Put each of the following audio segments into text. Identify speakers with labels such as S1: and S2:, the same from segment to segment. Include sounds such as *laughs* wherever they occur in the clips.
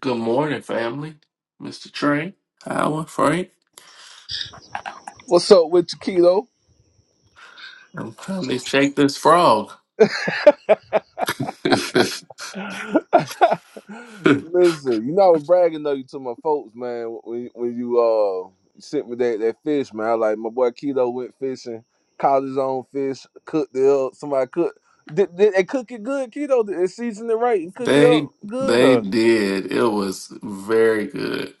S1: Good morning, family. Mr. Trey, Howard, Frank.
S2: What's up with you,
S1: I'm trying to shake this frog. *laughs*
S2: Keto? Listen, you know I was bragging on you to my folks, man. When when you uh sent me that that fish, man, I like my boy Keto went fishing, caught his own fish, cooked it up. Somebody cooked. Did, did they cook it good, Keto? Did they season it right and cook it
S1: they
S2: up good?
S1: they
S2: Or
S1: did. It was very good.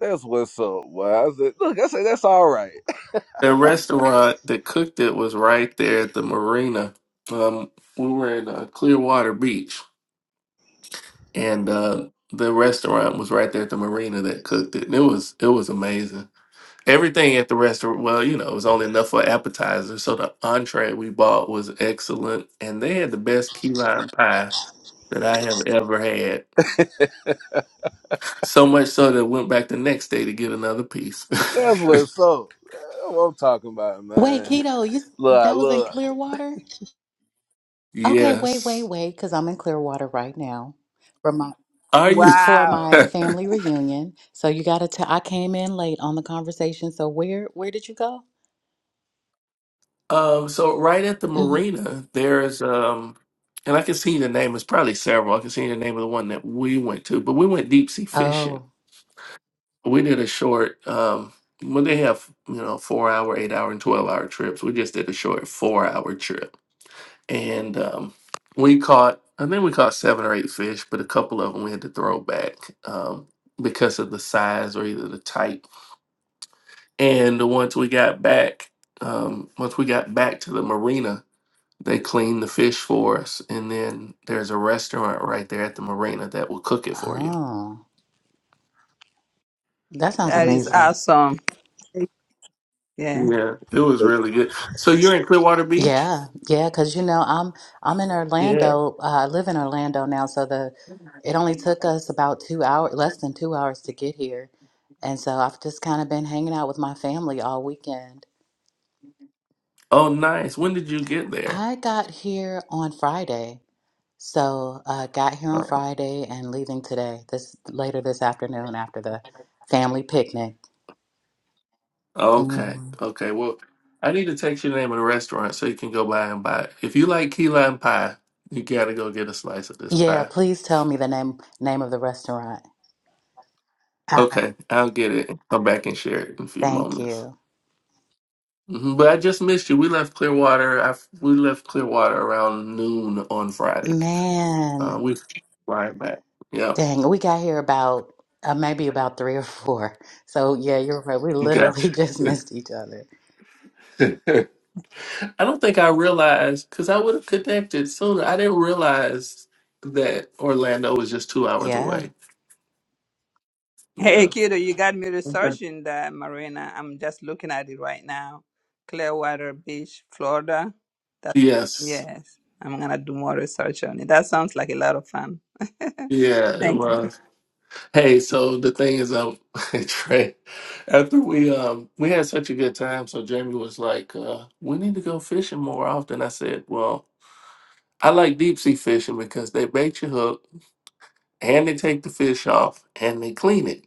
S2: that's what's up, boy. I said, look, I said that's all right.
S1: The restaurant that cooked it was right there at the marina. Um, we were in uh, Clearwater Beach, and uh, the restaurant was right there at the marina that cooked it. And it was it was amazing. Everything at the restaurant, well, you know, it was only enough for appetizer. So the entree we bought was excellent, and they had the best key lime pie that I have ever had. So much so that I went back the next day to get another piece.
S2: *laughs* That's
S1: *laughs*
S2: what's up. That's what I'm talking about,
S3: Wait,
S2: man.
S3: keto, you
S2: Look,
S3: that was in
S2: look.
S3: Clearwater? Okay, wait, wait,
S1: yes.
S3: wait, because I'm in Clearwater right now for my
S1: Are you?
S3: for
S4: Wow,
S1: *laughs*
S3: my
S4: *laughs*
S3: family reunion. So you gotta tell I came in late on the conversation. So where where did you go?
S1: um. So right at the
S3: hmm
S1: marina, there's um, and I can see the name. It's probably several. I can see the name of the one that we went to, but we went deep sea fishing
S3: Oh,
S1: we did a short um when they have you know four hour eight hour and 12 hour trips we just did a short four hour trip and um we caught i think we caught seven or eight fish but a couple of them we had to throw back um because of the size or either the type and once we got back um once we got back to the marina they cleaned the fish for us and then there's a restaurant right there at the marina that will cook it for you
S3: oh, that sounds
S4: that is
S1: yeah,
S3: amazing.
S4: awesome. Yeah.
S1: yeah it was really good so you're in clearwater beach
S3: Yeah, yeah, because you know I'm I'm in
S1: Yeah.
S3: Orlando. Uh, I live in Orlando now, so the it only took us about two hours, less than two hours to get here, and so I've just kind of been hanging out with my family all weekend.
S1: Oh, nice. When did you get there?
S3: I got here on Friday. So uh, got here
S1: Oh,
S3: on Friday and leaving today, this later this afternoon after the family picnic.
S1: Okay.
S3: hmm
S1: Okay. Well, I need to text you the name of the restaurant so you can go by and buy it. If you like key lime pie, you gotta go get a slice of this
S3: Yeah,
S1: pie.
S3: please tell me the name name of the restaurant. All right.
S1: Okay, I'll get it. and Come back and share it in a few
S3: Thank
S1: moments.
S3: you.
S1: hmm But I just missed you. We left Clearwater. I f we left Clearwater around noon on Friday. Uh,
S3: Man,
S1: we flying back. Yep.
S3: dang, we got here about uh, maybe about three or four. So yeah, you're right. We literally *laughs*
S1: Gotcha.
S3: just missed each other.
S1: *laughs* I don't think I realized because I would have connected sooner. I didn't realize that Orlando was just two hours
S3: Yeah.
S1: away.
S4: Hey,
S1: Yeah.
S4: kiddo, you got me
S1: Okay.
S4: researching the marina. I'm just looking at it right now. Clearwater Beach, Florida.
S1: Yes.
S4: Yes, I'm going to do more research on it. That sounds like a lot of fun. *laughs*
S1: Yeah, it
S4: Thank you.
S1: was. Hey, so the thing is, um, *laughs* Trey, after we um we had such a good time, so Jamie was like, uh, "We need to go fishing more often." I said, "Well, I like deep sea fishing because they bait your hook and they take the fish off and they clean it."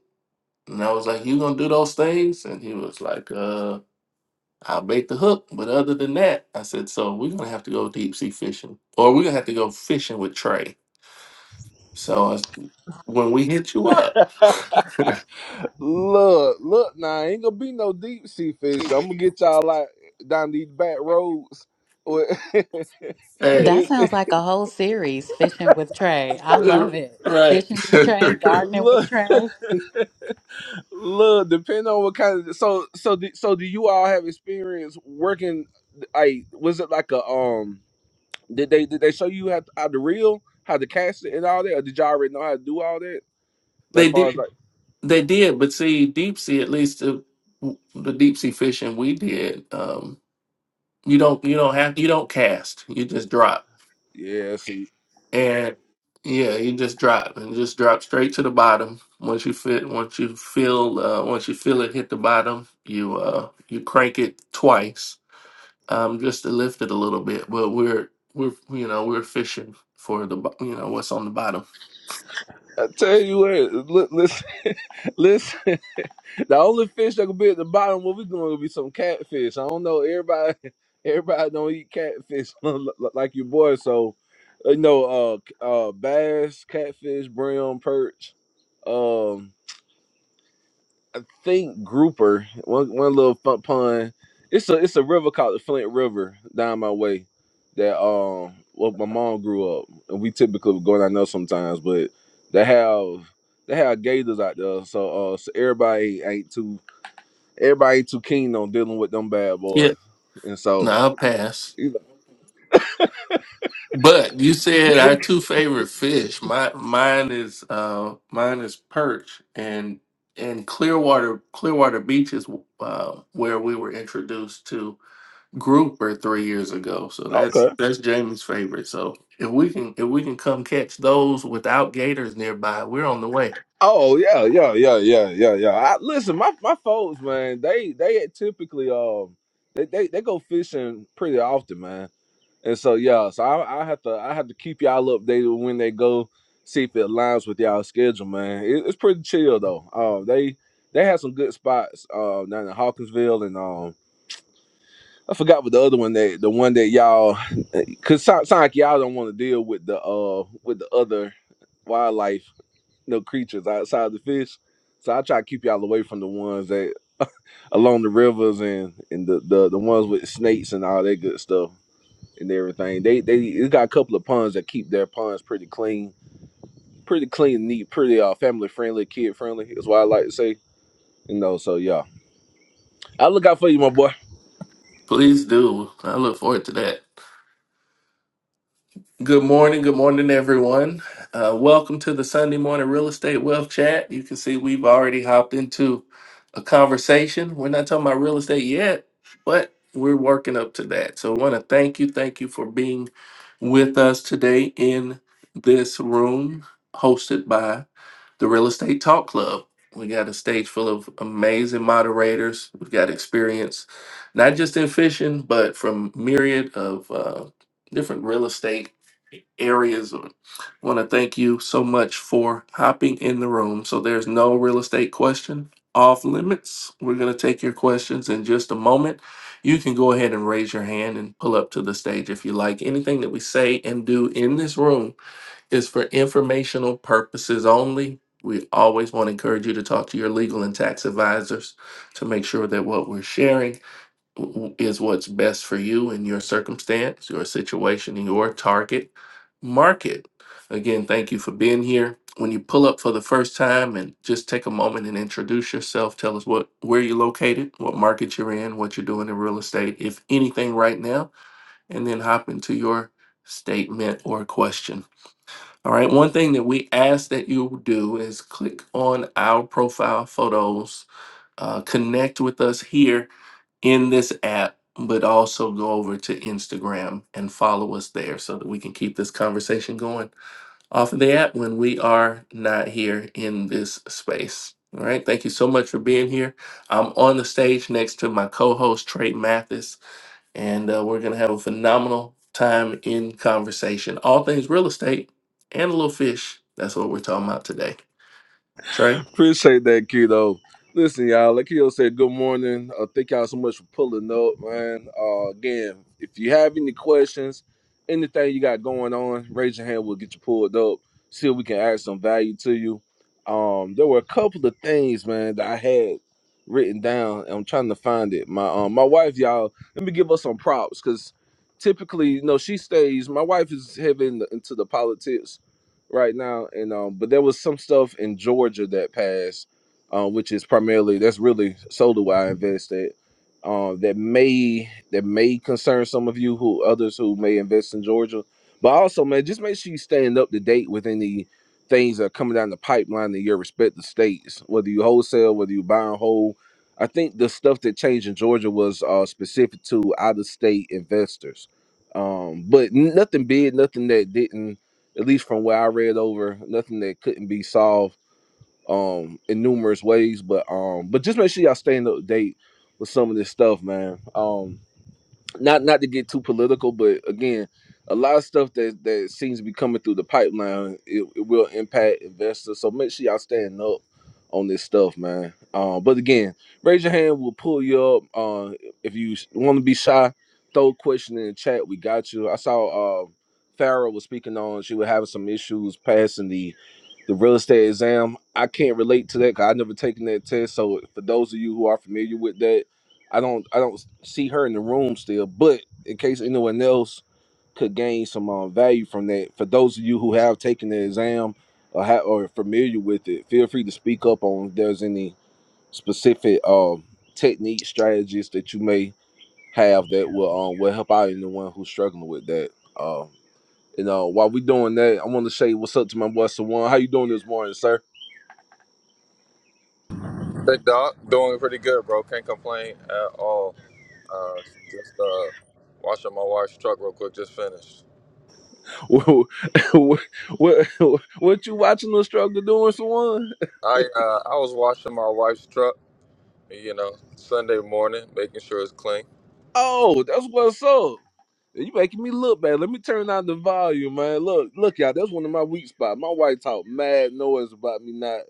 S1: And I was like, "You gonna do those things?" And he was like, "Uh." I bait the hook, but other than that, I said, so we're gonna have to go deep sea fishing, or we're gonna have to go fishing with Trey. So I s- when we hit you up, *laughs*
S2: Look, look now, ain't gonna be no deep sea fish. I'm gonna get y'all like down these back roads. With- *laughs*
S1: hey,
S3: That
S2: look,
S3: sounds like a whole series, Fishing with Trey. I
S1: uh,
S3: love it.
S1: right?
S3: Fishing with Trey,
S1: *laughs*
S3: Gardening with
S2: look,
S3: Trey. *laughs*
S2: look, depending on what kind of so so do, so do you all have experience working like was it like a um did they did they show you how to, how to reel, how to cast it and all that, or did y'all already know how to do all that? Like
S1: they
S2: far as
S1: did,
S2: like
S1: they did, but see, deep sea at least the, the deep sea fishing we did, um, you don't you don't have you don't cast, you just drop.
S2: yeah, see.
S1: And yeah, you just drop and just drop straight to the bottom. Once you fit, once you feel, uh, once you feel it hit the bottom, you uh, you crank it twice, um, just to lift it a little bit. But we're we're you know we're fishing for the bo- you know what's on the bottom.
S2: I tell you what, look, listen, *laughs* listen. The only fish that could be at the bottom, what we doing, will be some catfish. I don't know. Everybody, *laughs* everybody don't eat catfish *laughs* li- li- like your boy. So, uh, you know, uh, c- uh, bass, catfish, brim, perch. Um, I think grouper. One, one little fun pun. It's a, it's a river called the Flint River down my way. That um, well, my mom grew up, and we typically would go down there sometimes. But they have they have gators out there, so uh, so everybody ain't too Everybody too keen on dealing with them bad boys,
S1: Yeah,
S2: and
S1: no,
S2: so
S1: I'll pass.
S2: you
S1: But you said our
S2: know,
S1: two favorite fish. My mine is uh mine is perch and and Clearwater Clearwater Beach is uh, where we were introduced to Grouper three years ago. So
S2: *laughs*
S1: that's
S2: okay.
S1: that's Jamie's favorite. So if we can if we can come catch those without gators nearby, we're on the way.
S2: Oh yeah, yeah, yeah, yeah, yeah, yeah. I, listen, my my folks, man, they they typically um they, they they go fishing pretty often, man. And so yeah, so I I have to I have to keep y'all updated when they go, see if it aligns with y'all schedule, man. It, it's pretty chill though. Um, they they have some good spots uh, down in Hawkinsville and um. I forgot what the other one that the one that y'all cause sound, sound like y'all don't want to deal with the uh with the other wildlife, no creatures outside the fish. So I try to keep y'all away from the ones that *laughs* along the rivers and and the, the the ones with snakes and all that good stuff and everything. They they it's got a couple of ponds that keep their ponds pretty clean, pretty clean, neat, pretty uh family friendly, kid friendly is what I like to say. You know, so yeah. I look out for you, my boy.
S1: Please do. I look forward to that. Good morning. Good morning, everyone. Uh, welcome to the Sunday Morning Real Estate Wealth Chat. You can see we've already hopped into a conversation. We're not talking about real estate yet, but we're working up to that. So I want to thank you. Thank you for being with us today in this room hosted by the Real Estate Talk Club. We got a stage full of amazing moderators. We've got experience, not just in fishing, but from myriad of uh, different real estate areas of it. I want to thank you so much for hopping in the room. So there's no real estate question off limits. We're going to take your questions in just a moment. You can go ahead and raise your hand and pull up to the stage if you like. Anything that we say and do in this room is for informational purposes only. We always want to encourage you to talk to your legal and tax advisors to make sure that what we're sharing w- is what's best for you in your circumstance, your situation, and your target market. Again, thank you for being here. When you pull up for the first time and just take a moment and introduce yourself, tell us what where you're located, what market you're in, what you're doing in real estate, if anything right now, and then hop into your statement or question. All right, one thing that we ask that you do is click on our profile photos, uh, connect with us here in this app, but also go over to Instagram and follow us there so that we can keep this conversation going off of the app when we are not here in this space. All right. Thank you so much for being here. I'm on the stage next to my co host, Trey Mathis, and uh, we're going to have a phenomenal time in conversation. All things real estate and a little fish. That's what we're talking about today. Trey?
S2: Appreciate that, kiddo. Listen, y'all, like Keto said, good morning. Uh, thank y'all so much for pulling up, man. Uh, again, if you have any questions, anything you got going on, raise your hand. We'll get you pulled up. See if we can add some value to you. Um, there were a couple of things, man, that I had written down. And I'm trying to find it. My um, my wife, y'all, let me give her some props because typically, you know, she stays. My wife is heavy in- the- into the politics right now, and um, but there was some stuff in Georgia that passed, uh, which is primarily that's really solely why I invested. Um, that may that may concern some of you who others who may invest in Georgia, but also man, just make sure you staying up to date with any things that are coming down the pipeline in your respective states, whether you wholesale, whether you buy and hold. I think the stuff that changed in Georgia was uh, specific to out of state investors, um, but nothing big, nothing that didn't at least from what I read over, nothing that couldn't be solved um in numerous ways. But um but just make sure y'all staying up to date with some of this stuff, man. Um not not to get too political, but again, a lot of stuff that that seems to be coming through the pipeline, it, it will impact investors. So make sure y'all stand up on this stuff, man. Uh, but again, raise your hand. We'll pull you up. Uh, if you want to be shy, throw a question in the chat. We got you. I saw uh, Farrah was speaking on. She was having some issues passing the the real estate exam. I can't relate to that because I've never taken that test. So for those of you who are familiar with that, I don't I don't see her in the room still. But in case anyone else could gain some uh, value from that, for those of you who have taken the exam or ha- or are familiar with it, feel free to speak up on if there's any specific um technique strategies that you may have that will um will help out anyone who's struggling with that. Um, you know, while we doing that, I want to say what's up to my boy Sawan. How you doing this morning, sir?
S5: Big dog, doing pretty good, bro. Can't complain at all. Uh, just uh, washing my wife's truck real quick. Just finished.
S2: *laughs* what, what, what, what you watching the struggle doing someone?
S5: I uh, I was washing my wife's truck, you know, Sunday morning, making sure it's clean.
S2: Oh, that's what's up. You making me look bad. Let me turn down the volume, man. Look, look, y'all. That's one of my weak spots. My wife talk mad noise about me not.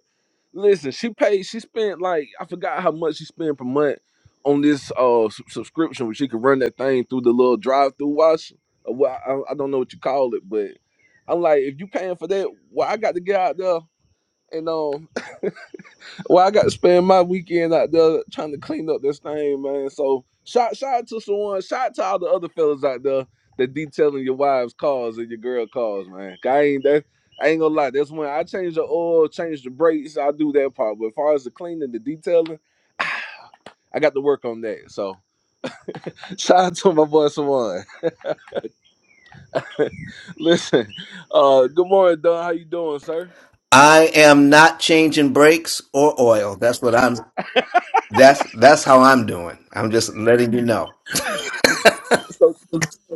S2: Listen, she paid. She spent like I forgot how much she spent per month on this uh s- subscription where she could run that thing through the little drive-through wash. Uh, Well, I, I don't know what you call it, but I'm like, if you paying for that, well, I got to get out there and um Well, I got to spend my weekend out there trying to clean up this thing, man. So shout shout out to someone, shout out to all the other fellas out there that detailing your wives' cars and your girl cars, man. 'Cause I ain't that I ain't gonna lie. That's when I change the oil, change the brakes, I do that part. But as far as the cleaning, the detailing, I got to work on that. So shout out to my boy Sawan. *laughs* Listen, uh good morning, Don. How you doing, sir?
S6: I am not changing brakes or oil. That's what I'm. That's that's how I'm doing. I'm just letting you know.
S2: So.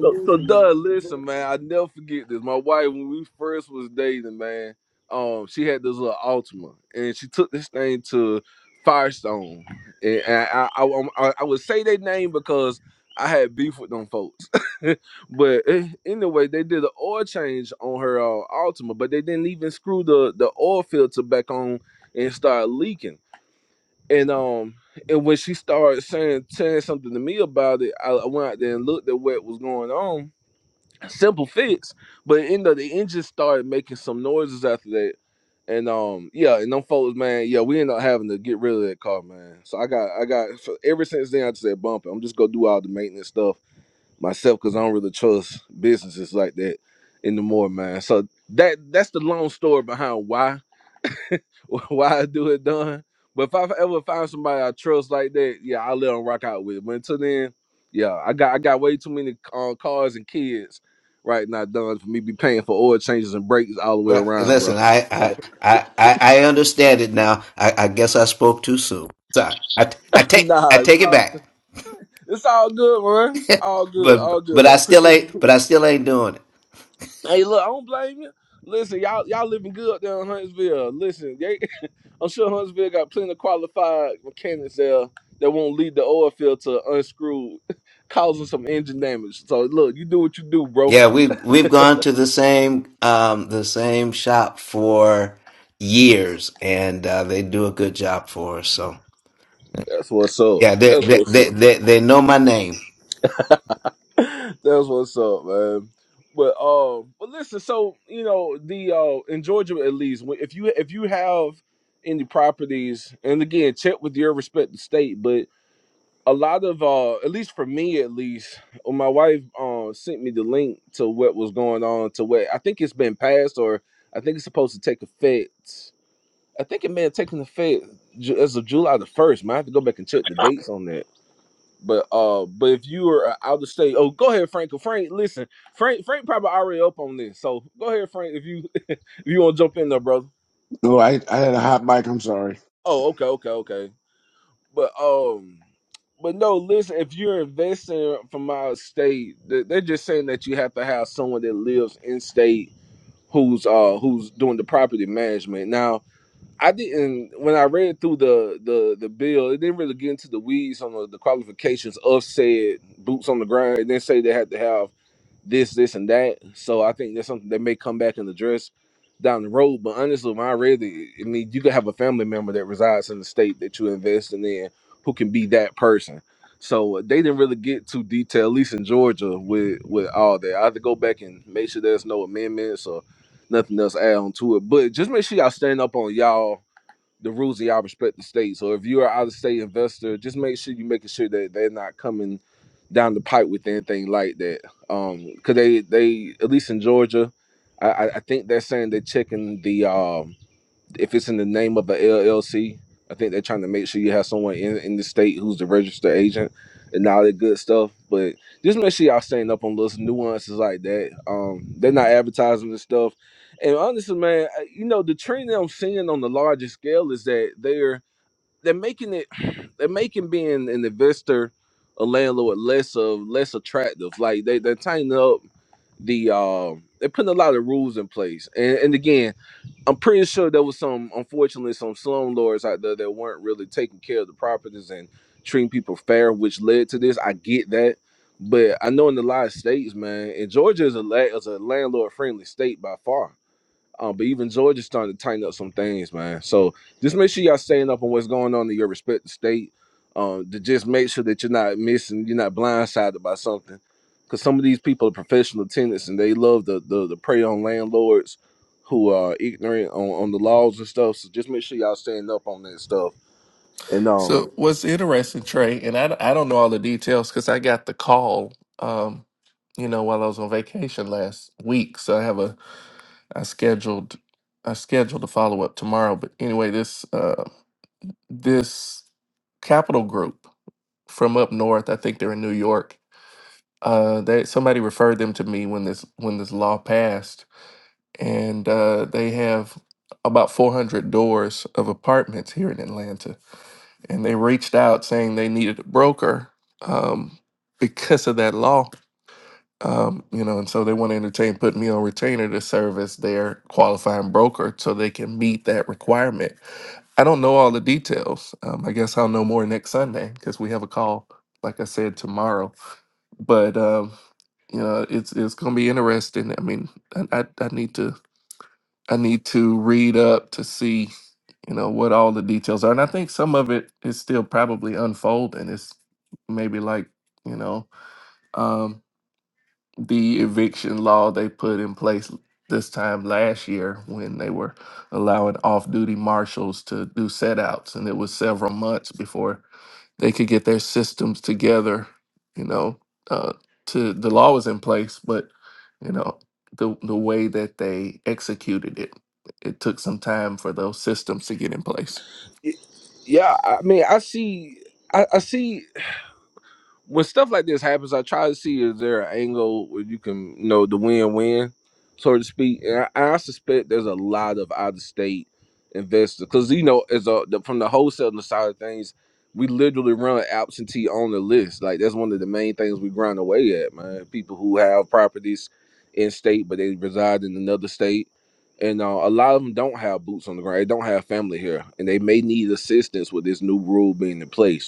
S2: So, so Doug, listen, man, I never forget this. My wife, when we first was dating, man, um, she had this little Altima, and she took this thing to Firestone, and, and I, I, I, I I would say their name because I had beef with them folks. *laughs* but eh, anyway, they did an oil change on her uh, Altima, but they didn't even screw the the oil filter back on and started leaking. And um, and when she started saying saying something to me about it, I, I went out there and looked at what was going on simple fix. But you know, the engine started making some noises after that. And um, yeah, and them folks, man, yeah, we ended up having to get rid of that car, man. So I got, I got, for, ever since then, I just said bump it. I'm just gonna do all the maintenance stuff myself because I don't really trust businesses like that anymore, man. So that that's the long story behind why *laughs* why I do it done. But if I ever find somebody I trust like that, yeah, I let them rock out with. it. But until then, yeah, I got I got way too many um, cars and kids right now done for me be paying for oil changes and brakes all the way
S6: But
S2: around, bro.
S6: listen, I
S2: So
S6: I I I I understand it now. I, I guess I spoke too soon. Sorry. I I
S2: *laughs*
S6: take I
S2: nah, it's
S6: take it
S2: all,
S6: back.
S2: it's all good, man. All good,
S6: But
S2: all
S6: but
S2: good. I
S6: I still
S2: Appreciate you.
S6: ain't. But
S2: putting-
S6: I still ain't doing it.
S2: Hey, look, I don't blame you. Listen, y'all y'all living good down in Huntsville. Listen, I'm sure Huntsville got plenty of qualified mechanics there that won't lead the oil field to unscrew, *laughs* causing some engine damage. So look, you do what you do, bro.
S6: Yeah, we have we've gone to the same um the same shop for years, and uh, they do a good job for us. So
S2: That's what's up.
S6: yeah, they
S2: That's
S6: they
S2: what's
S6: they
S2: up.
S6: they, they know my name.
S2: *laughs* That's what's up, man. But um, but listen. So you know the uh in Georgia at least, when- if you if you have any properties, and again check with your respective state, but. a lot of uh at least for me at least well, my wife um sent me the link to what was going on to what i think it's been passed or i think it's supposed to take effect i think it may have taken effect Ju- as of july the 1st man i have to go back and check the dates on that but uh but if you are uh, out of state oh go ahead frank frank listen frank frank probably already up on this so go ahead frank if you *laughs* if you want to jump in there brother
S7: No, I, I had a hot mic. I'm sorry.
S2: oh okay okay okay But um, but no, listen. If you're investing from out of state, they- they're just saying that you have to have someone that lives in state who's uh who's doing the property management. Now, I didn't when I read through the the the bill, it didn't really get into the weeds on the, the qualifications of said boots on the ground. It didn't say they had to have this, this, and that. So I think that's something that may come back and address down the road. But honestly, when I read it, I mean, you could have a family member that resides in the state that you're investing in who can be that person. So uh, they didn't really get too detailed, at least in Georgia, with with all that. I have to go back and make sure there's no amendments or nothing else add on to it. But just make sure y'all stand up on y'all the rules of y'all respective states. So if you're an out of state investor, just make sure you making sure that they're not coming down the pipe with anything like that. Um, cause they they at least in Georgia, I I I think they're saying they're checking the um if it's in the name of a LLC, I think they're trying to make sure you have someone in, in the state who's the registered agent and all that good stuff. But just make sure y'all staying up on little nuances like that. Um, they're not advertising this stuff. And honestly, man, I- you know the trend that I'm seeing on the larger scale is that they're they're making it *sighs* *clears throat* they're making being an investor, a landlord less of less attractive. Like they they're tightening up the um they're putting a lot of rules in place. And and again. I'm pretty sure there was some, unfortunately, some slumlords out there that weren't really taking care of the properties and treating people fair, which led to this. I get that, but I know in a lot of states, man, and Georgia is a la- is a landlord friendly state by far. Um, but even Georgia's starting to tighten up some things, man. So just make sure y'all staying up on what's going on in your respective state. Um, to just make sure that you're not missing, you're not blindsided by something. Because some of these people are professional tenants and they love the the, the prey on landlords who are ignorant on, on the laws and stuff. So just make sure y'all staying up on that stuff. And um,
S1: So what's interesting, Trey, and I, I don't know all the details because I got the call, um, you know, while I was on vacation last week. So I have a I scheduled I scheduled a follow up tomorrow. But anyway, this uh, this Capital Group from up north, I think they're in New York. Uh, they somebody referred them to me when this when this law passed, and uh, they have about 400 doors of apartments here in Atlanta and they reached out saying they needed a broker um, because of that law. Um, you know, and so they want to entertain put me on retainer to serve as their qualifying broker so they can meet that requirement. I don't know all the details. Um, I guess I'll know more next Sunday because we have a call, like I said, tomorrow. But um, you know, it's it's gonna be interesting. I mean, I I, I need to I need to read up to see, you know, what all the details are. And I think some of it is still probably unfolding. It's maybe like, you know, um, the eviction law they put in place this time last year when they were allowing off duty marshals to do set outs. And it was several months before they could get their systems together, you know, uh, to the law was in place, but you know, the the way that they executed it, it took some time for those systems to get in place.
S2: y- yeah, I mean, I see, I, I see. when stuff like this happens, I try to see is there an angle where you can, you know, the win-win, so to speak. And I, I suspect there's a lot of out-of-state investors because you know, as a the, from the wholesaling side of things, we literally run absentee on the list. Like that's one of the main things we grind away at, man. People who have properties in state but they reside in another state. And uh, a lot of them don't have boots on the ground. They don't have family here, and they may need assistance with this new rule being in place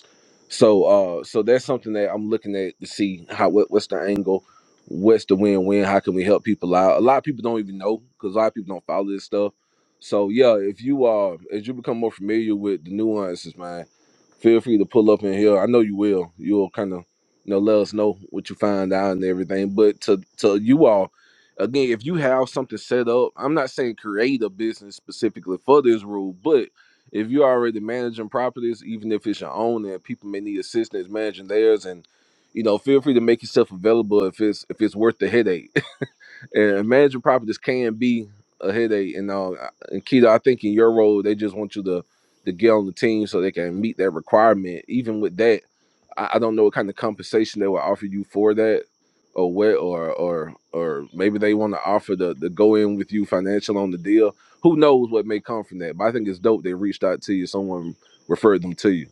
S2: so uh so that's something that I'm looking at to see how what, what's the angle, what's the win win, how can we help people out? A lot of people don't even know because a lot of people don't follow this stuff. So yeah, if you uh as you become more familiar with the nuances, man, feel free to pull up in here. I know you will. You'll kind of you know let us know what you find out and everything. But to to you all, again, if you have something set up, I'm not saying create a business specifically for this rule, but if you're already managing properties, even if it's your own and people may need assistance managing theirs and you know, feel free to make yourself available if it's if it's worth the headache and managing properties can be a headache. And uh, and Keto, I think in your role, they just want you to to get on the team so they can meet that requirement. Even with that, I, I don't know what kind of compensation they will offer you for that, or what, or or or maybe they want to offer the the go in with you financial on the deal. Who knows what may come from that? But I think it's dope they reached out to you. Someone referred them to you.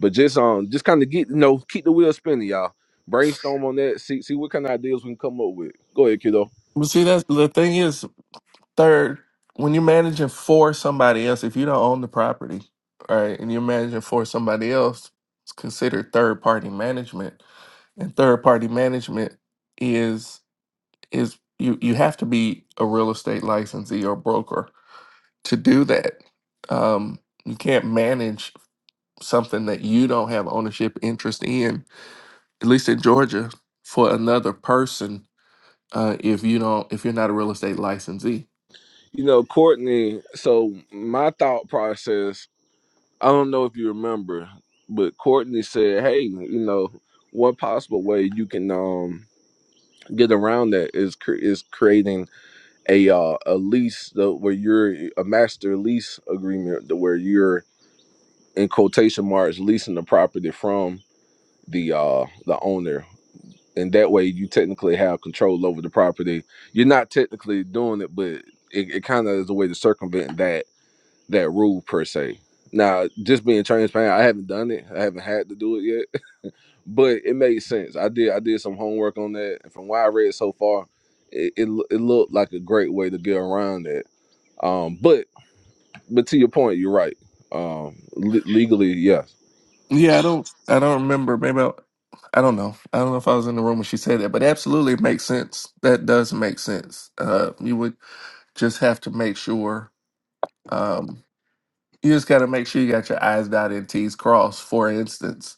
S2: But just um, just kind of get you know, keep the wheel spinning, y'all. Brainstorm on that. See see what kind of ideas we can come up with. Go ahead, kiddo.
S1: But see, that's the thing is, third, when you're managing for somebody else, if you don't own the property, all right, and you're managing for somebody else, it's considered third party management, and third party management is is you you have to be a real estate licensee or broker to do that. Um, you can't manage something that you don't have ownership interest in, at least in Georgia, for another person uh, if you don't if you're not a real estate licensee.
S2: You know, Courtney, so my thought process, I don't know if you remember, but Courtney said, "Hey, you know, one possible way you can um get around that is cre- is creating a uh, a lease though, where you're a master lease agreement to where you're in quotation marks leasing the property from the uh the owner." And that way, you technically have control over the property. You're not technically doing it, but it, it kind of is a way to circumvent that that rule per se. Now, just being transparent, I haven't done it. I haven't had to do it yet, *laughs* but it made sense. I did. I did some homework on that, and from what I read so far, it it, loo- it looked like a great way to get around that. Um, but but to your point, you're right. Um, le- legally, yes,
S1: Yeah, I don't I don't remember. Maybe I, I don't know. I don't know if I was in the room when she said that, but absolutely it makes sense. That does make sense. Uh, you would just have to make sure. Um, you just got to make sure you got your I's dotted and T's crossed. For instance,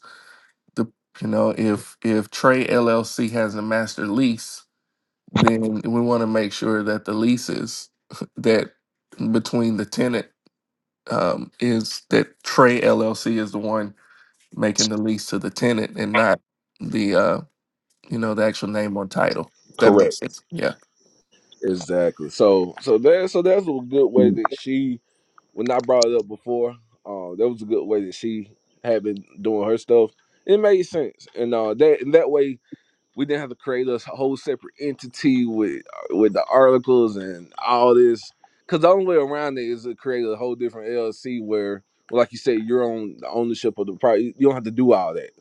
S1: the you know if if Trey LLC has a master lease, then we want to make sure that the leases *laughs* that between the tenant um, is that Trey LLC is the one making the lease to the tenant and not the uh, you know the actual name on title. That makes
S2: correct,
S1: sense. Yeah,
S2: exactly. So so that so that's a good way
S7: Hey,
S2: that she when I brought it up before. Uh, that was a good way that she had been doing her stuff. It made sense, and uh, that and that way we didn't have to create a whole separate entity with uh, with the articles and all this. Because the only way around it is to create a whole different LLC where, well, like you said, you're on the ownership of the property. You don't have to do all that,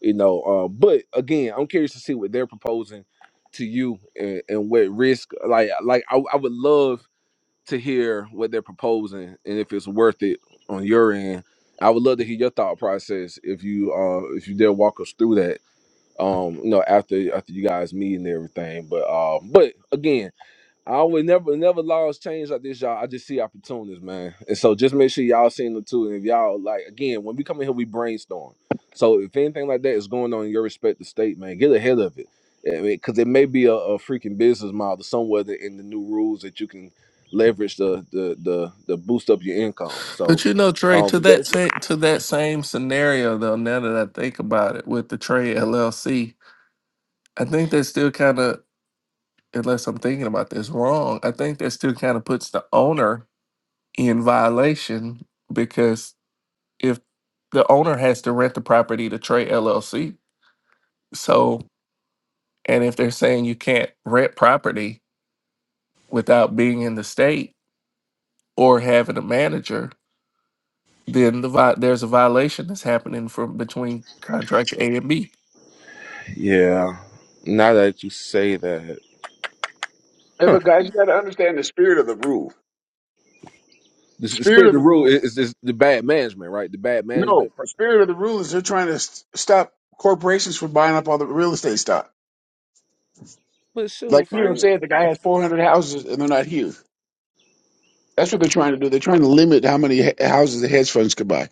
S2: you know. Uh, but again, I'm curious to see what they're proposing to you and, and what risk. Like, like I, I would love to hear what they're proposing and if it's worth it on your end. I would love to hear your thought process if you uh if you dare walk us through that um you know after after you guys meet and everything but uh, but again i would never never laws change like this y'all i just see opportunities man and so just make sure y'all seeing them too and if y'all like again when we come in here we brainstorm so if anything like that is going on in your respective state man get ahead of it I mean, because it may be a, a freaking business model somewhere that in the new rules that you can leverage the the the, the boost up your income
S1: but
S2: so
S1: you know Trey
S2: um
S1: to
S2: but
S1: that
S2: that's,
S1: sa- to that same scenario though. Now that I think about it, with the Trey LLC, I think that's still kind of unless I'm thinking about this wrong, I think that still kind of puts the owner in violation because if the owner has to rent the property to Trey LLC, so and if they're saying you can't rent property without being in the state or having a manager, then the vi- there's a violation that's happening from between contract A and B.
S2: yeah now that you say that huh.
S7: but guys, you got to understand the spirit of the rule.
S2: The
S7: The
S2: s- the spirit
S7: spirit
S2: of
S7: of
S2: the
S7: the
S2: rule
S7: rule.
S2: is, is is the bad management, right? The bad
S7: No,
S2: management. pr-
S7: the spirit of the rule is they're trying to st- stop corporations from buying up all the real estate stock.
S2: But shoot,
S7: Like you know,
S2: Frank.
S7: saying the guy has 400 houses and they're not here. That's what they're trying to do. They're trying to limit how many he- houses the hedge funds could buy.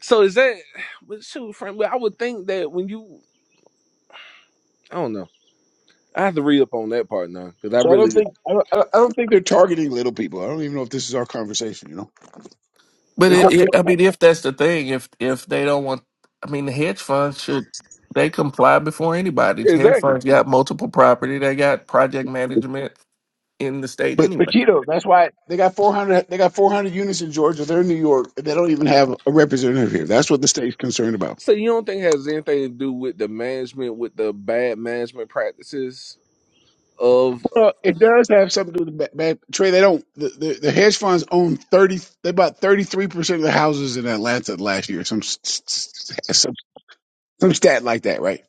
S2: So is that? But shoot, Frank. But I would think that when you, I don't know. I have to read up on that part now because I
S7: So I don't
S2: really,
S7: think I don't, I don't I don't think they're targeting little people. I don't even know if this is our conversation. You know,
S1: But
S7: They're
S2: I
S1: it,
S7: tar-
S2: don't
S1: it, I mean, if that's the thing, if if they don't want, I mean, the hedge funds should they comply before anybody. The hedge
S2: exactly.
S1: funds got multiple property. They got project management in the state
S7: But but
S1: anyway.
S7: Cheetos, that's why they got four hundred. They got four hundred units in Georgia. They're in New York. They don't even have a representative here. That's what the state's concerned about.
S2: So you don't think it has anything to do with the management, with the bad management practices of?
S7: Well, it does have something to do with the ba- bad Trey. They don't. The, the, the hedge funds own thirty. They bought thirty three percent of the houses in Atlanta last year. Some s- s- s- some some stat like that, right?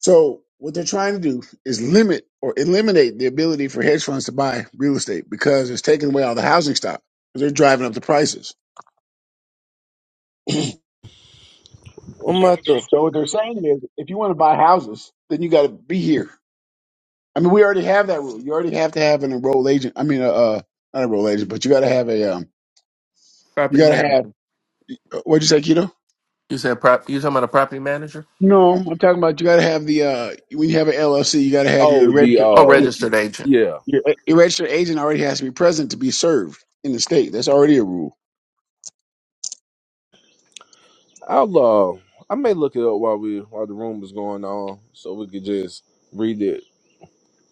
S7: So what they're trying to do is limit or eliminate the ability for hedge funds to buy real estate because it's taking away all the housing stock. They're driving up the prices.
S2: What am I the?
S7: So what they're saying is, if you want to buy houses, then you got to be here. I mean, we already have that rule. You already have to have an enrolled agent. I mean, uh, uh not an enrolled agent, but you got to have a um, you
S1: Property
S7: got to
S1: manager.
S7: have uh, what'd you say, keto?
S1: You said prop. You talking about a property manager
S7: No, I'm talking about you got to have the uh, when you have an LLC, you got to have your
S2: Oh, the
S7: registered
S1: or
S2: uh,
S7: your,
S1: registered agent?
S2: yeah.
S7: your, your registered agent already has to be present to be served in the state. That's already a rule.
S2: I'll uh, I may look it up while we while the room is going on, so we could just read it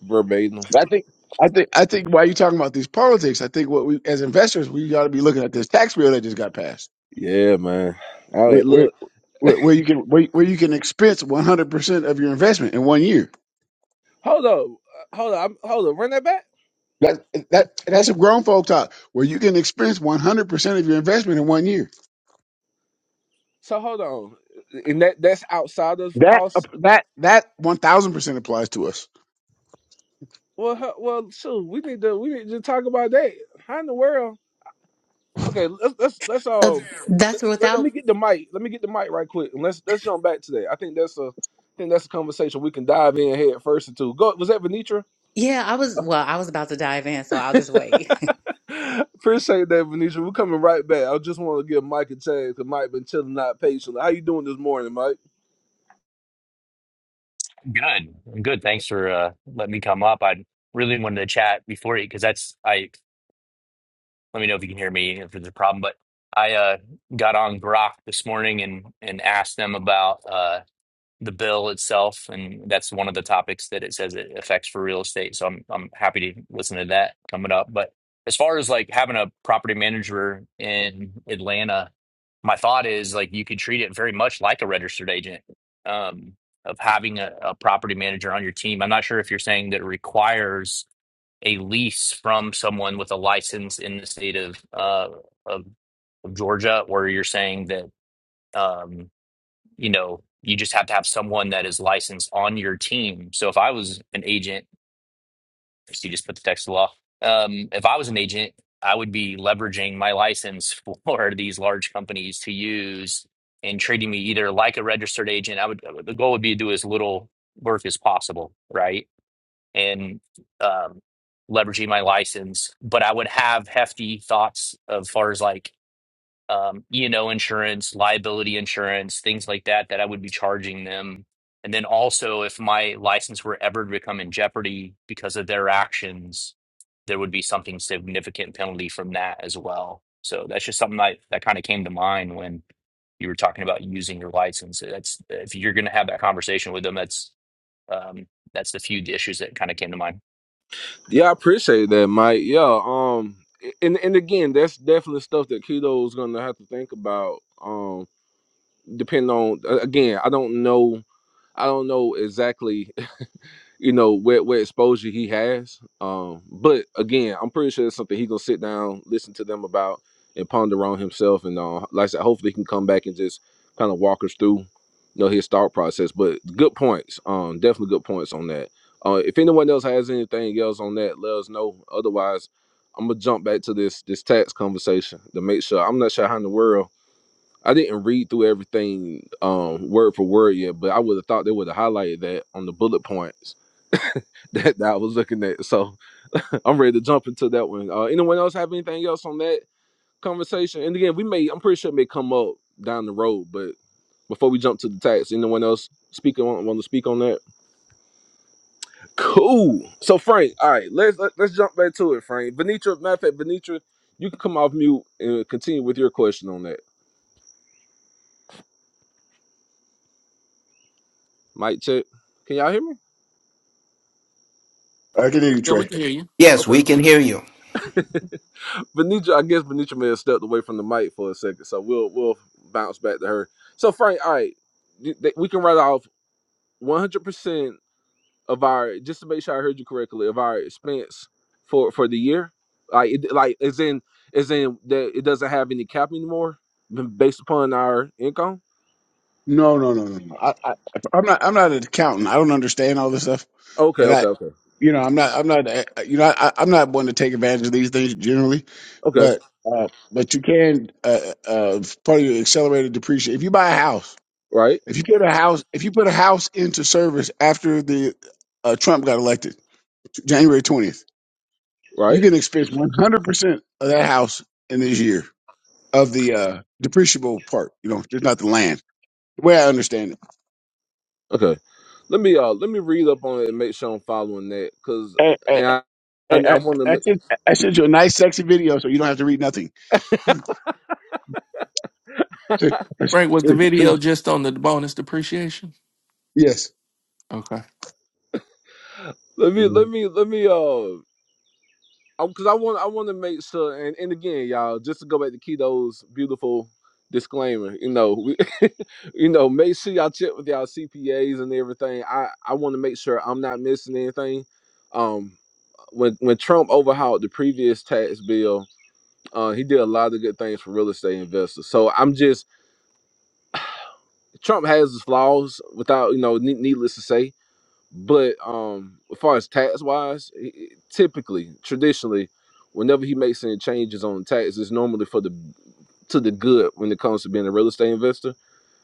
S2: verbatim.
S7: I think. I think I think while you're talking about these politics, I think what we as investors we got to be looking at this tax bill that just got passed
S2: Yeah, man. All
S7: where
S2: right,
S7: where
S2: look.
S7: where, where you can where, where you can expense one hundred percent of your investment in one year.
S2: Hold on, Hold on, I'm, hold on. Run that back.
S7: That that that's a grown folk talk where you can expense one hundred percent of your investment in one year.
S2: So hold on. And that that's outside of
S7: That uh,
S2: cost.
S7: that that one thousand percent applies to us.
S2: Well, huh, well, shoot. We need to we need to talk about that. How in the world? Okay, let's let's let's
S3: So
S2: um.
S3: th-
S2: Let,
S3: that's
S2: let let
S3: without,
S2: me get the mic. Let me get the mic right quick, and let's let's jump back to that. I think that's a, I think that's a conversation we can dive in head first into. Go. Was that Venetra?
S3: yeah, I was, well, I was about to dive in, so I'll just wait. *laughs*
S2: *laughs* Appreciate that, Venetra. We're coming right back. I just want to give Mike a chance because Mike been chilling out patiently. How you doing this morning, Mike?
S8: Good, good. Thanks for uh, letting me come up. I really wanted to chat before you because that's I. Let me know if you can hear me if there's a problem. But I uh, got on Grok this morning and and asked them about. uh, the bill itself, and that's one of the topics that it says it affects for real estate. So I'm I'm happy to listen to that coming up. But as far as like having a property manager in Atlanta, my thought is like you could treat it very much like a registered agent, um, of having a, a property manager on your team. I'm not sure if you're saying that it requires a lease from someone with a license in the state of uh of, of Georgia, or you're saying that. Um, you know, you just have to have someone that is licensed on your team. So if I was an agent, so you just put the text to law. Um, if I was an agent, I would be leveraging my license for *laughs* these large companies to use and treating me either like a registered agent. I would uh, the goal would be to do as little work as possible, right? And um, leveraging my license, but I would have hefty thoughts as far as like um, E&O insurance, liability insurance, things like that that I would be charging them. And then also, if my license were ever to become in jeopardy because of their actions, there would be something significant penalty from that as well. So that's just something that, that kind of came to mind when you were talking about using your license. That's if you're going to have that conversation with them, that's um, that's the few issues that kind of came to mind.
S2: Yeah, I appreciate that, Mike. Yeah, um, and and again, that's definitely stuff that Keto's gonna have to think about. Um, depending on a- again, I don't know, I don't know exactly you know what what exposure he has. Um, but again, I'm pretty sure it's something he gonna sit down, listen to them about, and ponder on himself. And uh, like I said, hopefully he can come back and just kind of walk us through, you know, his thought process. But good points, um, definitely good points on that. Uh, if anyone else has anything else on that, let us know. Otherwise, I'm gonna jump back to this this tax conversation to make sure. I'm not sure how in the world. I didn't read through everything um, word for word yet, but I would have thought they would have highlighted that on the bullet points *laughs* that, that I was looking at. So *laughs* I'm ready to jump into that one. Uh, anyone else have anything else on that conversation? And again, we may I'm pretty sure it may come up down the road, but before we jump to the tax, anyone else speaking want, want to speak on that? Cool. So Frank, all right, let's let, let's jump back to it, Frank. Venetra, matter of fact, Venetra, you can come off mute and continue with your question on that. Mic check. Can y'all hear me?
S7: I can hear you,
S1: Yeah, we
S7: Trey.
S1: can hear you.
S6: Yes,
S2: Okay.
S6: we can hear you.
S2: Venetra, I guess Venetra may have stepped away from the mic for a second, so we'll we'll bounce back to her. So Frank, all right, th- th- we can write off 100% of our just to make sure I heard you correctly of our expense for for the year like it, like is in is in that it doesn't have any cap anymore b- based upon our income
S7: No, no, no, no. no. I, I, I'm not. I'm not an accountant. I don't understand all this stuff.
S2: okay
S7: But
S2: okay
S7: I,
S2: okay
S7: you know, I'm not. I'm not. uh, uh, You know, I, I'm not one to take advantage of these things generally.
S2: okay
S7: But uh, but you can uh, uh, part of your accelerated depreciation. If you buy a house
S2: right
S7: If you put a house, if you put a house into service after the uh, Trump got elected, January twentieth, you
S2: right
S7: can expense one hundred percent of that house in this year of the uh, depreciable part. You know, there's not the land. The way I understand it,
S2: okay let me uh let me read up on it and make sure I'm following that cuz
S7: hey,
S2: and
S7: hey,
S2: I
S7: I,
S2: and I
S7: I,
S2: want to
S7: I sent, I sent you a nice, sexy video, so you don't have to read nothing. *laughs*
S1: Right. Was the video just on the bonus depreciation?
S7: yes.
S1: Okay.
S2: let me let me let me uh because I want I want to make sure, and, and again, y'all, just to go back to Keto's beautiful disclaimer, you know, we, *laughs* you know, make sure y'all check with y'all CPAs and everything. I I want to make sure I'm not missing anything. Um, when when Trump overhauled the previous tax bill, uh, he did a lot of good things for real estate investors. So I'm just Trump has his flaws, without you know, ne- needless to say but um, as far as tax wise, typically, traditionally, whenever he makes any changes on tax, it's normally for the to the good when it comes to being a real estate investor.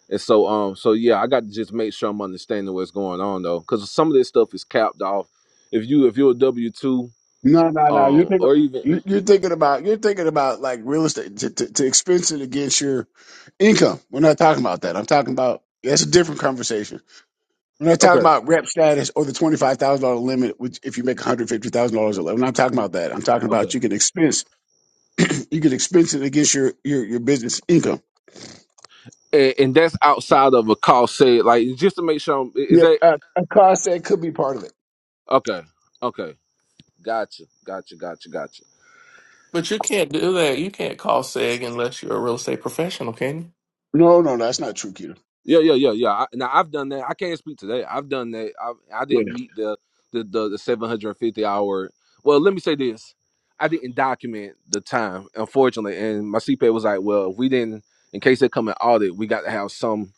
S2: And so, um, so yeah, I got to just make sure I'm understanding what's going on though, because some of this stuff is capped off. If you if you're a W two,
S7: No, no, no. You're
S2: um,
S7: thinking,
S2: or even
S7: you- you're thinking about you're thinking about like real estate to, to, to expense it against your income. We're not talking about that. I'm talking about that's a different conversation. We're not talking
S2: okay,
S7: about rep status or the twenty five thousand dollar limit, which if you make one hundred fifty thousand dollars or less. I'm not talking about that. I'm talking
S2: okay,
S7: about you can expense *clears throat* you can expense it against your your, your business income.
S2: and, and that's outside of a cost say like just to make sure I'm, is
S7: Yep,
S2: that
S7: a, a cost that could be part of it.
S2: okay, okay, gotcha, gotcha, gotcha, gotcha.
S1: But you can't do that. You can't call SEG unless you're a real estate professional, can you?
S7: No, no, no, that's not true, Keto.
S2: Yeah, yeah, yeah, yeah. I, now I've done that. I can't speak to that. I've done that. I I didn't meet the the the, the 750 hour. Well, let me say this. I didn't document the time, unfortunately, and my CPA was like, "Well, if we didn't, in case they come and audit, we got to have some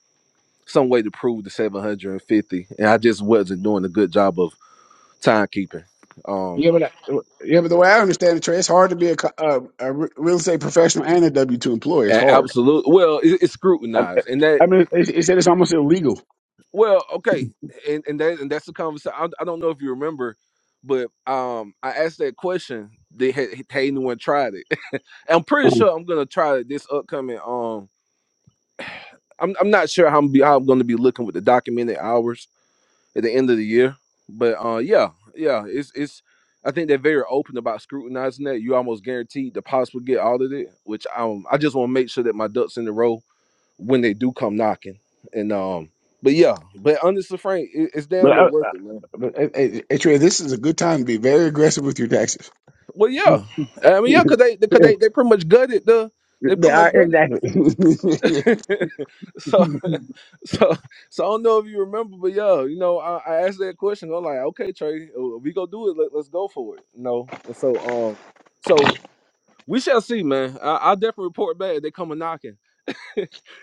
S2: some way to prove the 750." And fifty. And I just wasn't doing a good job of timekeeping. Um,
S7: Yeah, but I- yeah, but the way I understand it, Trey, it's hard to be a, co- a, a re- real estate professional and a W two employee. It's hard.
S2: absolutely. Well, it, it's
S7: I,
S2: scrutinized, and that
S7: I mean, it, it said it's almost illegal.
S2: Well, okay, and and that and that's the conversation. I, I don't know if you remember, but um, I asked that question. They had, had anyone tried it? *laughs* I'm pretty
S7: Mhm.
S2: sure I'm gonna try it this upcoming. Um, I'm I'm not sure how I'm be how I'm gonna be looking with the documented hours at the end of the year, but uh, yeah, yeah, it's it's. I think they're very open about scrutinizing that. You almost guaranteed to possibly get audited, which um, I just want to make sure that my ducks in the row when they do come knocking. And um, but yeah, but honestly, Frank, it, it's
S7: But,
S2: down there
S7: I, I,
S2: worth it, man.
S7: but eh, eh, eh, Trey, this is a good time to be very aggressive with your taxes.
S2: Well, yeah, I
S7: *laughs*
S2: mean, yeah,
S7: they
S2: cause they, cause they, they pretty much gutted the, they pretty much
S7: are
S2: gutted.
S7: exactly. *laughs*
S2: *laughs* so, so, so I don't know if you remember, but yeah, you know, I, I asked that question. I'm like, okay, Trey, uh, we go do it. Let, let's go for it. You know, and so, um, so we shall see, man. I, I'll definitely report back. if They come a knocking.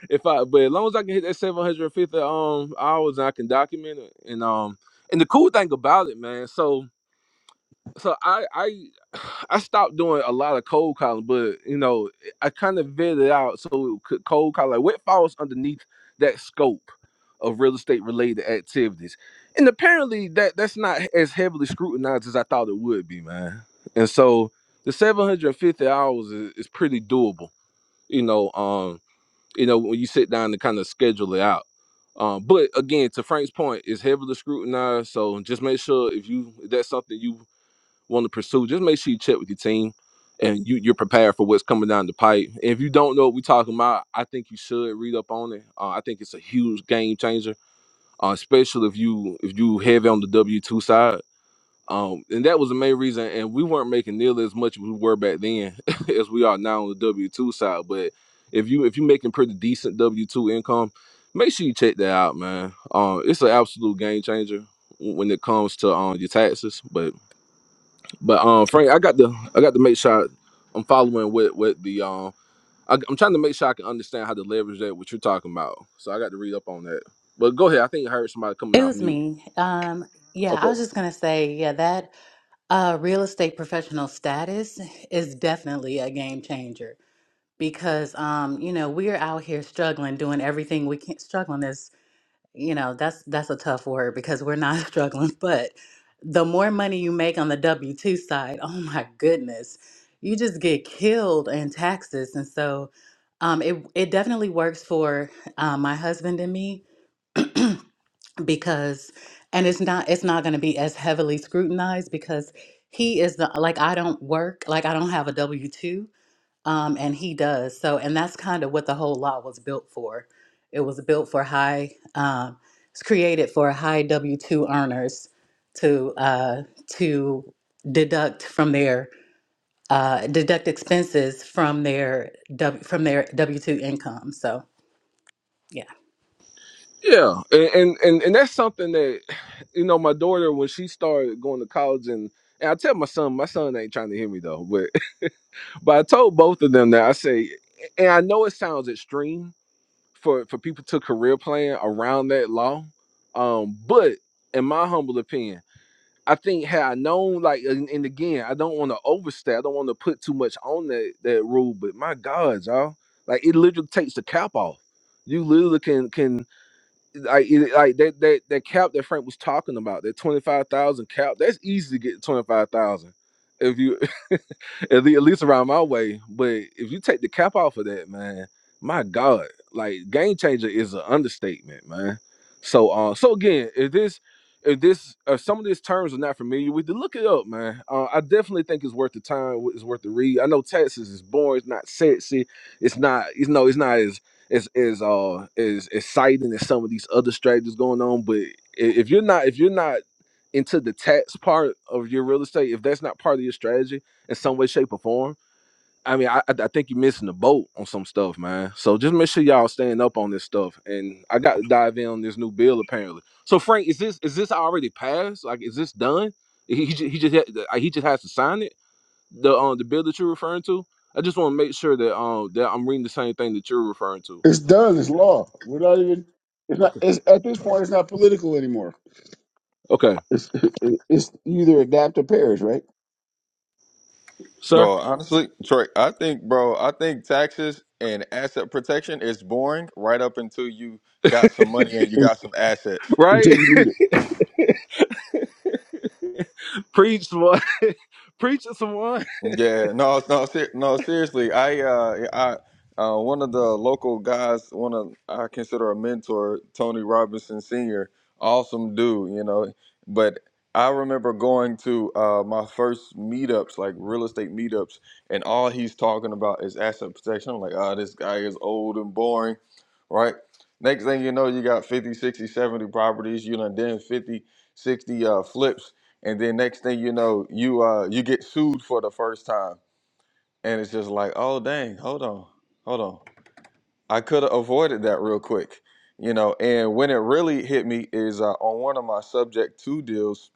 S2: if I, but as long as I can hit that 750 um hours and I can document it, and um, and the cool thing about it, man, so so I I *sighs* I stopped doing a lot of cold calling, but you know I kind of vetted out so it could cold call like what falls underneath that scope of real estate related activities, and apparently that that's not as heavily scrutinized as I thought it would be, man, and so the 750 hours is, is pretty doable, you know, um you know, when you sit down to kind of schedule it out. Um, but again, to Frank's point, it's heavily scrutinized. So just make sure if you if that's something you want to pursue, just make sure you check with your team and you, you're prepared for what's coming down the pipe. And if you don't know what we're talking about, I think you should read up on it. Uh, I think it's a huge game changer, uh, especially if you if you heavy on the W two side. Um, and that was the main reason. And we weren't making nearly as much as we were back then *laughs* as we are now on the W two side. But if you if you're making pretty decent W two income, make sure you check that out, man. Um, it's an absolute game changer when it comes to um your taxes. But but um Frank, I got to I got to make sure I'm following with with the um. I, I'm trying to make sure I can understand how to leverage that what you're talking about. So I got to read up on that. But go ahead. I think I heard somebody coming
S3: It
S2: off
S3: was
S2: mute.
S3: me. Um, yeah,
S2: Okay.
S3: I was just gonna say, yeah, that. Uh, real estate professional status is definitely a game changer because, um, you know, we're out here struggling, doing everything we can. Struggling is, you know, that's that's a tough word because we're not *laughs* struggling. But the more money you make on the W two side, oh my goodness, you just get killed in taxes. And so, um, it it definitely works for uh, my husband and me because and it's not it's not going to be as heavily scrutinized because he is the like I don't work like I don't have a W-2 um and he does so and that's kind of what the whole law was built for it was built for high um it's created for high W-2 earners to uh to deduct from their uh deduct expenses from their w, from their W-2 income so yeah
S2: Yeah, and, and and and that's something that you know my daughter when she started going to college and and I tell my son my son ain't trying to hear me though but *laughs* but I told both of them that I say and I know it sounds extreme for for people to career plan around that law um but in my humble opinion I think had I known like and, and again I don't want to overstay I don't want to put too much on that that rule but my God y'all like it literally takes the cap off you literally can can like it- like that that that cap that Frank was talking about, that twenty five thousand cap, that's easy to get twenty five thousand. If you *laughs* at lea- at least around my way, but if you take the cap off of that, man, my God, like game changer is an understatement, man. So uh so again, if this if this if some of these terms are not familiar with, then look it up, man. Uh, I definitely think it's worth the time. It's worth the read. I know Texas is boring. It's not sexy. It's not. You know. It's not as is is uh is exciting as some of these other strategies going on. But i- if you're not if you're not into the tax part of your real estate, if that's not part of your strategy in some way, shape, or form, I mean, I I I think you're missing the boat on some stuff, man. So just make sure y'all staying up on this stuff. And I got to dive in on this new bill apparently. So Frank, is this is this already passed? Like, is this done? He he just he just, ha- he just has to sign it. The um the bill that you're referring to. I just want to make sure that um that I'm reading the same thing that you're referring to.
S7: it's done. It's law. We're not even. It's not. It's, at this point, it's not political anymore.
S2: Okay,
S7: It's, it's either adapt or perish, right?
S2: sir.
S5: Bro, honestly, Trey, I think, bro, I think taxes and asset protection is boring right up until you got some money and
S7: *laughs*
S5: you got some assets.
S2: Right?
S7: Until you do that.
S2: *laughs* Preach one. *laughs* Preach to someone. *laughs*
S5: Yeah, no, no, ser- no. Seriously, I, uh, I, uh, one of the local guys, one of I consider a mentor, Tony Robinson Senior, awesome dude, you know. But I remember going to uh, my first meetups, like real estate meetups, and all he's talking about is asset protection. I'm like, ah, this guy is old and boring, right? Next thing you know, you got 50, 60, 70 properties. You know, then 50, 60 uh, flips and then next thing you know, you uh you get sued for the first time, and it's just like, oh dang, hold on, hold on, I could have avoided that real quick, you know. And when it really hit me is uh, on one of my subject two deals.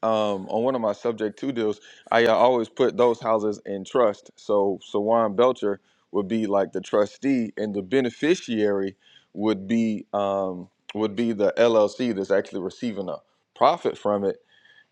S5: Um, on one of my subject two deals, I uh, always put those houses in trust. So Sawan Belcher would be like the trustee, and the beneficiary would be um would be the LLC that's actually receiving a profit from it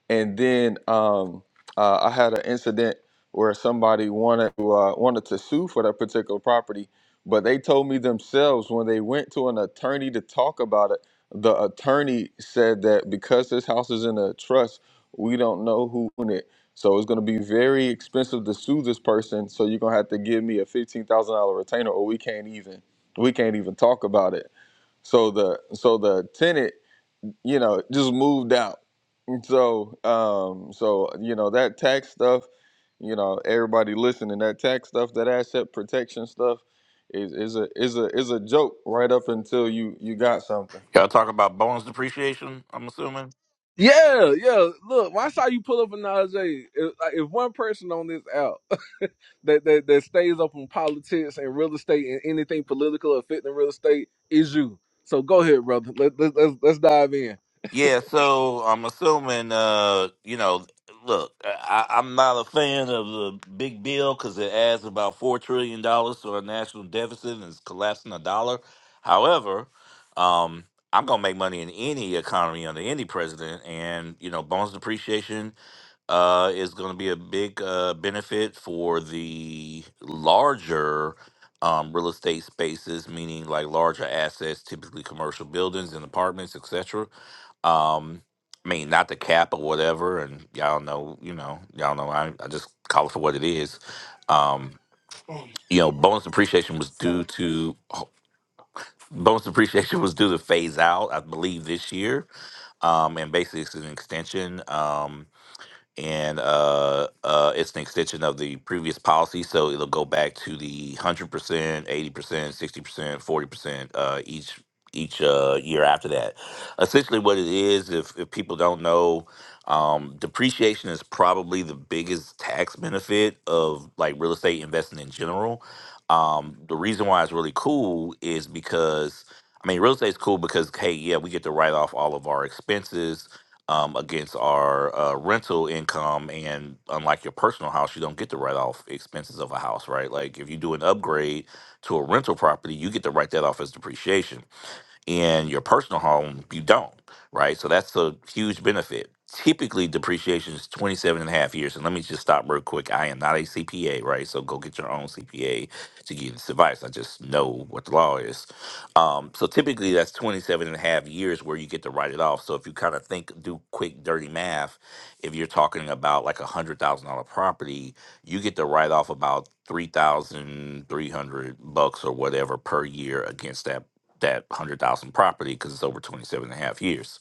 S5: and then um, uh, I had an incident where somebody wanted to uh, wanted to sue for that particular property, but they told me themselves when they went to an attorney to talk about it, the attorney said that because this house is in a trust, we don't know who owned it. So it's going to be very expensive to sue this person. So you're going to have to give me a fifteen thousand dollar retainer, or we can't even we can't even talk about it. So the so the tenant, you know, just moved out so, um, so you know that tax stuff. You know, everybody listening, that tax stuff, that asset protection stuff, is is a is a is a joke right up until you you got something.
S9: Y'all talk about bonus depreciation, I'm assuming?
S2: Yeah, yeah. Look, when I saw you pull up a Najee, if, like, if one person on this out *laughs* that, that that stays up on politics and real estate and anything political affecting real estate is you. So go ahead, brother. Let, let, let's let's dive in.
S9: Yeah, so I'm assuming, uh, you know, look, I, I'm not a fan of the big bill because it adds about $4 trillion dollars to our national deficit and is collapsing a dollar. However, um, I'm going to make money in any economy under any president. And, you know, bonus depreciation uh, is going to be a big uh, benefit for the larger um, real estate spaces, meaning like larger assets, typically commercial buildings and apartments, etc. Um, I mean, not the cap or whatever, and y'all know, you know, y'all know. I, I just call it for what it is. Um, you know, bonus depreciation was due to bonus depreciation was due to phase out, I believe, this year, um, and basically it's an extension. Um, and uh, uh, it's an extension of the previous policy, so it'll go back to the hundred percent, eighty percent, sixty percent, forty percent uh, each each uh, year after that. Essentially, what it is, if if people don't know, um, depreciation is probably the biggest tax benefit of like real estate investing in general. Um, the reason why it's really cool is because I mean, real estate's cool because hey, yeah, we get to write off all of our expenses um, against our uh, rental income. And unlike your personal house, you don't get to write off expenses of a house, right? Like if you do an upgrade to a rental property, you get to write that off as depreciation in your personal home, you don't, right? So that's a huge benefit. Typically, depreciation is 27 and a half years. And let me just stop real quick. I am not a CPA, right? So go get your own CPA to give you this advice. I just know what the law is. Um, so typically, that's 27 and a half years where you get to write it off. So if you kind of think, do quick, dirty math, if you're talking about like a $100,000 property, you get to write off about 3,300 bucks or whatever per year against that that 100,000 property because it's over 27 and a half years.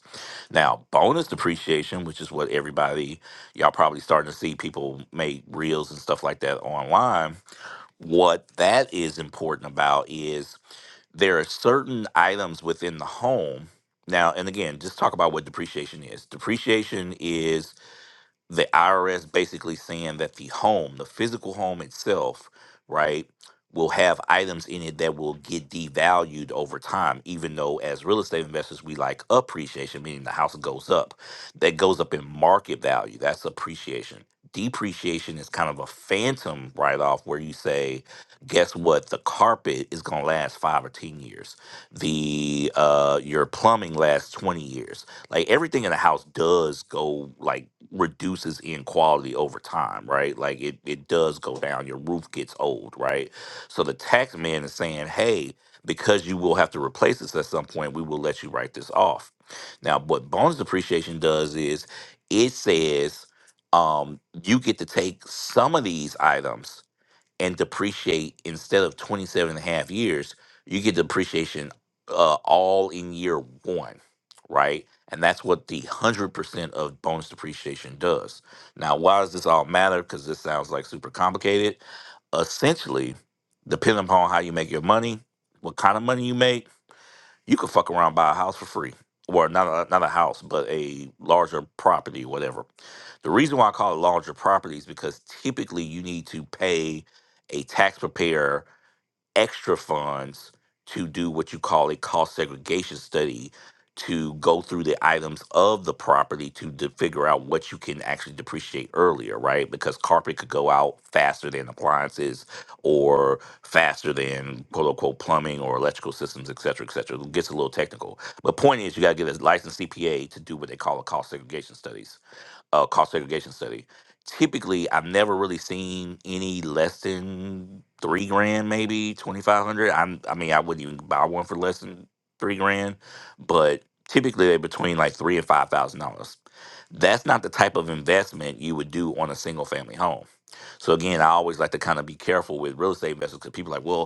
S9: Now, bonus depreciation, which is what everybody, y'all probably starting to see people make reels and stuff like that online. What that is important about is there are certain items within the home. Now, and again, just talk about what depreciation is. Depreciation is the IRS basically saying that the home, the physical home itself, right, will have items in it that will get devalued over time, even though as real estate investors, we like appreciation, meaning the house goes up. That goes up in market value. That's appreciation. Depreciation is kind of a phantom write off where you say, guess what? The carpet is going to last five or 10 years. The uh, Your plumbing lasts 20 years like everything in the house does go like reduces in quality over time, right? Like it it does go down. Your roof gets old, right? So the tax man is saying, hey, because you will have to replace this at some point, we will let you write this off. Now, what bonus depreciation does is it says um, you get to take some of these items and depreciate instead of 27.5 years, you get depreciation uh, all in year one, right? And that's what the 100% of bonus depreciation does. Now, why does this all matter? Because this sounds like super complicated. Essentially, depending upon how you make your money, what kind of money you make, you could fuck around buy a house for free. or not a, not a house, but a larger property, whatever. The reason why I call it larger property is because typically you need to pay a tax preparer extra funds to do what you call a cost segregation study to go through the items of the property to, de- figure out what you can actually depreciate earlier, right? Because carpet could go out faster than appliances or faster than quote unquote plumbing or electrical systems, et cetera, et cetera. It gets a little technical. But point is you gotta get a licensed CPA to do what they call a cost segregation studies uh, cost segregation study. Typically, I've never really seen any less than three grand, maybe twenty five hundred. I'm, I mean, I wouldn't even buy one for less than three grand, but typically they're between like three and five thousand dollars. That's not the type of investment you would do on a single family home. So again, I always like to kind of be careful with real estate investors because people are like, well,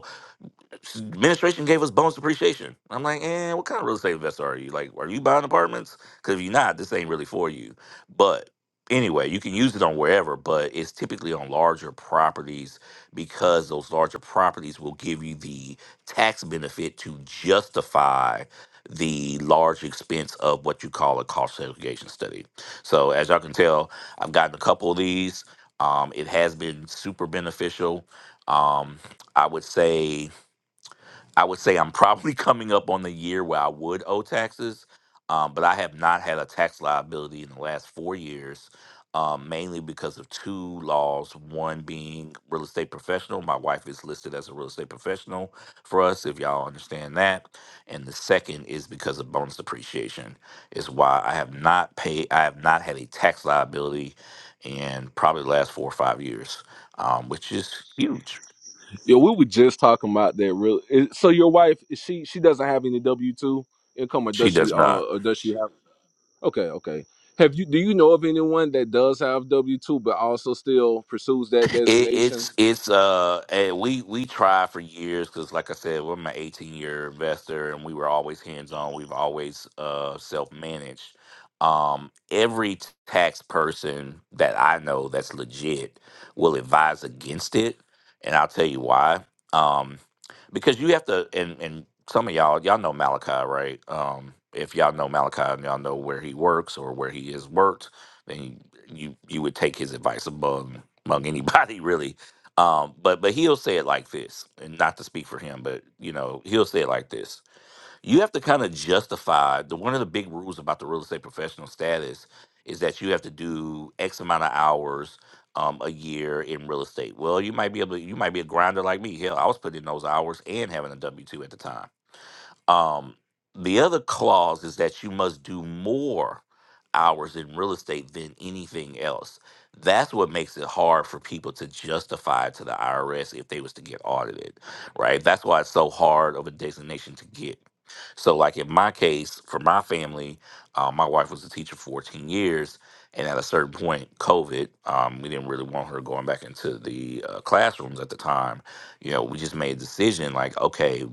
S9: administration gave us bonus depreciation. I'm like, eh, what kind of real estate investor are you? Like, are you buying apartments? Because if you're not, this ain't really for you. But anyway, you can use it on wherever, but it's typically on larger properties because those larger properties will give you the tax benefit to justify the large expense of what you call a cost segregation study. So as y'all can tell, I've gotten a couple of these. Um, it has been super beneficial. Um, I would say I would say I'm probably *laughs* coming up on the year where I would owe taxes, um, but I have not had a tax liability in the last four years, um, mainly because of two laws. One being real estate professional. My wife is listed as a real estate professional for us, if y'all understand that. And the second is because of bonus depreciation, is why I have not paid, I have not had a tax liability in probably the last four or five years, um, which is huge.
S2: Yeah, we were just talking about that. Real. is- So your wife, is she she doesn't have any W two income, or
S9: She
S2: does she?
S9: does
S2: Uh,
S9: not.
S2: or does she? Okay, okay. Have you do you know of anyone that does have W two but also still pursues that
S9: It,
S2: designation?
S9: it's it's uh eh, we we tried for years because like I said we're an 18 year investor and we were always hands on we've always uh self managed um every t- tax person that I know that's legit will advise against it and I'll tell you why um because you have to and and some of y'all y'all know Malachi right um if y'all know Malachi and y'all know where he works or where he has worked and you you would take his advice among among anybody *laughs* really. Um, but but he'll say it like this, and not to speak for him, but you know he'll say it like this. You have to kind of justify the one of the big rules about the real estate professional status is that you have to do X amount of hours um, a year in real estate. Well, you might be able to, you might be a grinder like me. Hell, I was putting in those hours and having a W two at the time um, the other clause is that you must do more hours in real estate than anything else. That's what makes it hard for people to justify to the IRS if they was to get audited, right? That's why it's so hard of a designation to get. So, like in my case, for my family, uh, my wife was a teacher for 14 years, and at a certain point, COVID, um, we didn't really want her going back into the uh, classrooms at the time. You know, we just made a decision like, okay,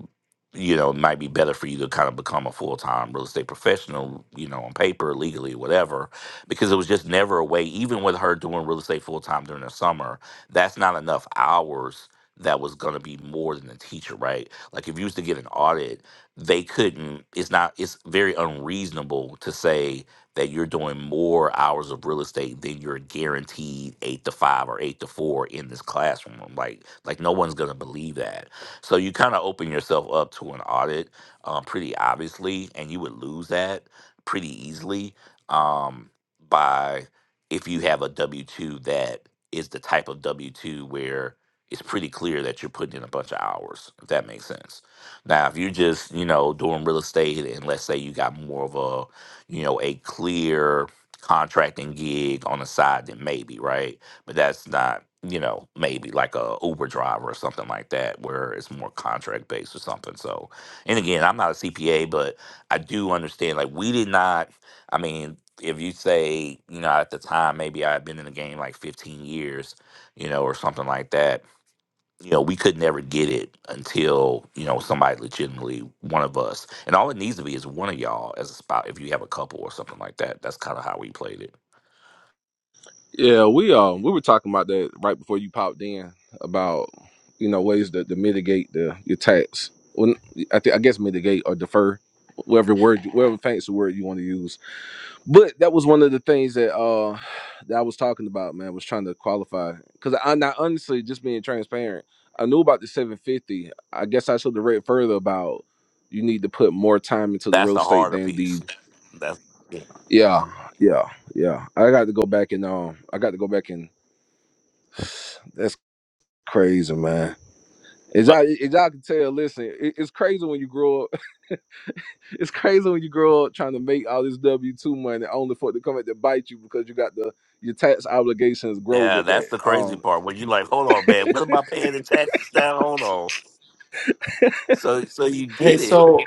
S9: you know, it might be better for you to kind of become a full time real estate professional, you know, on paper, legally, whatever, because it was just never a way, even with her doing real estate full time during the summer, that's not enough hours that was going to be more than a teacher, right? Like if you used to get an audit, they couldn't, it's not, it's very unreasonable to say that you're doing more hours of real estate than you're guaranteed eight to five or eight to four in this classroom. Like, like no one's going to believe that. So you kind of open yourself up to an audit um, pretty obviously, and you would lose that pretty easily um, by if you have a W 2 that is the type of W 2 where it's pretty clear that you're putting in a bunch of hours, if that makes sense. Now, if you're just, you know, doing real estate and let's say you got more of a, you know, a clear contracting gig on the side, then maybe, right? But that's not you know maybe like a uber driver or something like that where it's more contract based or something so and again i'm not a cpa but i do understand like we did not i mean if you say you know at the time maybe i had been in the game like 15 years you know or something like that you know we could never get it until you know somebody legitimately one of us and all it needs to be is one of y'all as a spot if you have a couple or something like that that's kind of how we played it
S2: Yeah, we um we were talking about that right before you popped in about you know ways to, to mitigate the your tax. Well, I think I guess mitigate or defer, whatever word, whatever fancy word you want to use. But that was one of the things that uh *sighs* that I was talking about, man. Was trying to qualify because I not honestly just being transparent. I knew about the 750. I guess I should have read further about you need to put more time into the
S9: that's
S2: real
S9: the
S2: estate
S9: harder
S2: than
S9: piece
S2: the
S9: that's yeah,
S2: yeah yeah yeah. I got to go back and um I got to go back and *sighs* that's crazy, man. As
S9: but
S2: I as y'all can tell, listen, it, it's crazy when you grow up. *laughs* it's crazy when you grow up trying to make all this W two money only for it to come back to bite you because you got the your tax obligations grow
S9: Yeah,
S2: with
S9: that's
S2: that.
S9: the crazy
S2: Um.
S9: part. When you like, hold on, man, what am I paying the taxes now? Hold on. So so you
S1: Hey,
S9: get it.
S1: so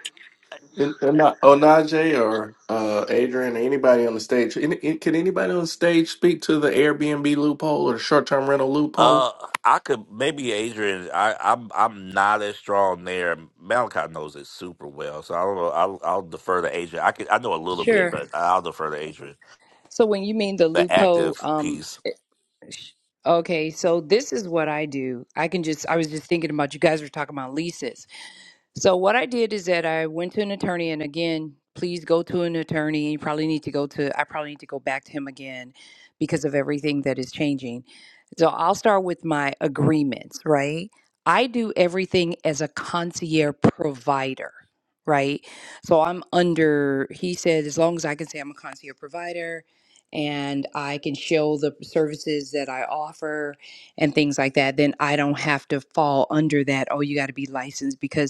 S1: And, and not, Onaje or uh, Adrian or anybody on the stage, any, any- can anybody on the stage speak to the Airbnb loophole or the short term rental loophole?
S9: Uh I could maybe Adrian, I, I'm I'm not as strong there. Malachi knows it super well. So I don't know. I'll I'll defer to Adrian. I could I know a little bit,
S10: Sure.
S9: but I'll defer to Adrian.
S10: So when you mean the
S9: The
S10: loophole,
S9: active
S10: um,
S9: piece.
S10: sh- okay, so this is what I do. I can just, I was just thinking about you guys were talking about leases. So what I did is that I went to an attorney, and again, please go to an attorney. You probably need to go to. I probably need to go back to him again because of everything that is changing. So I'll start with my agreements, right? I do everything as a concierge provider, right? So I'm under. He said as long as I can say I'm a concierge provider. And I can show the services that I offer and things like that, then I don't have to fall under that. Oh, you got to be licensed because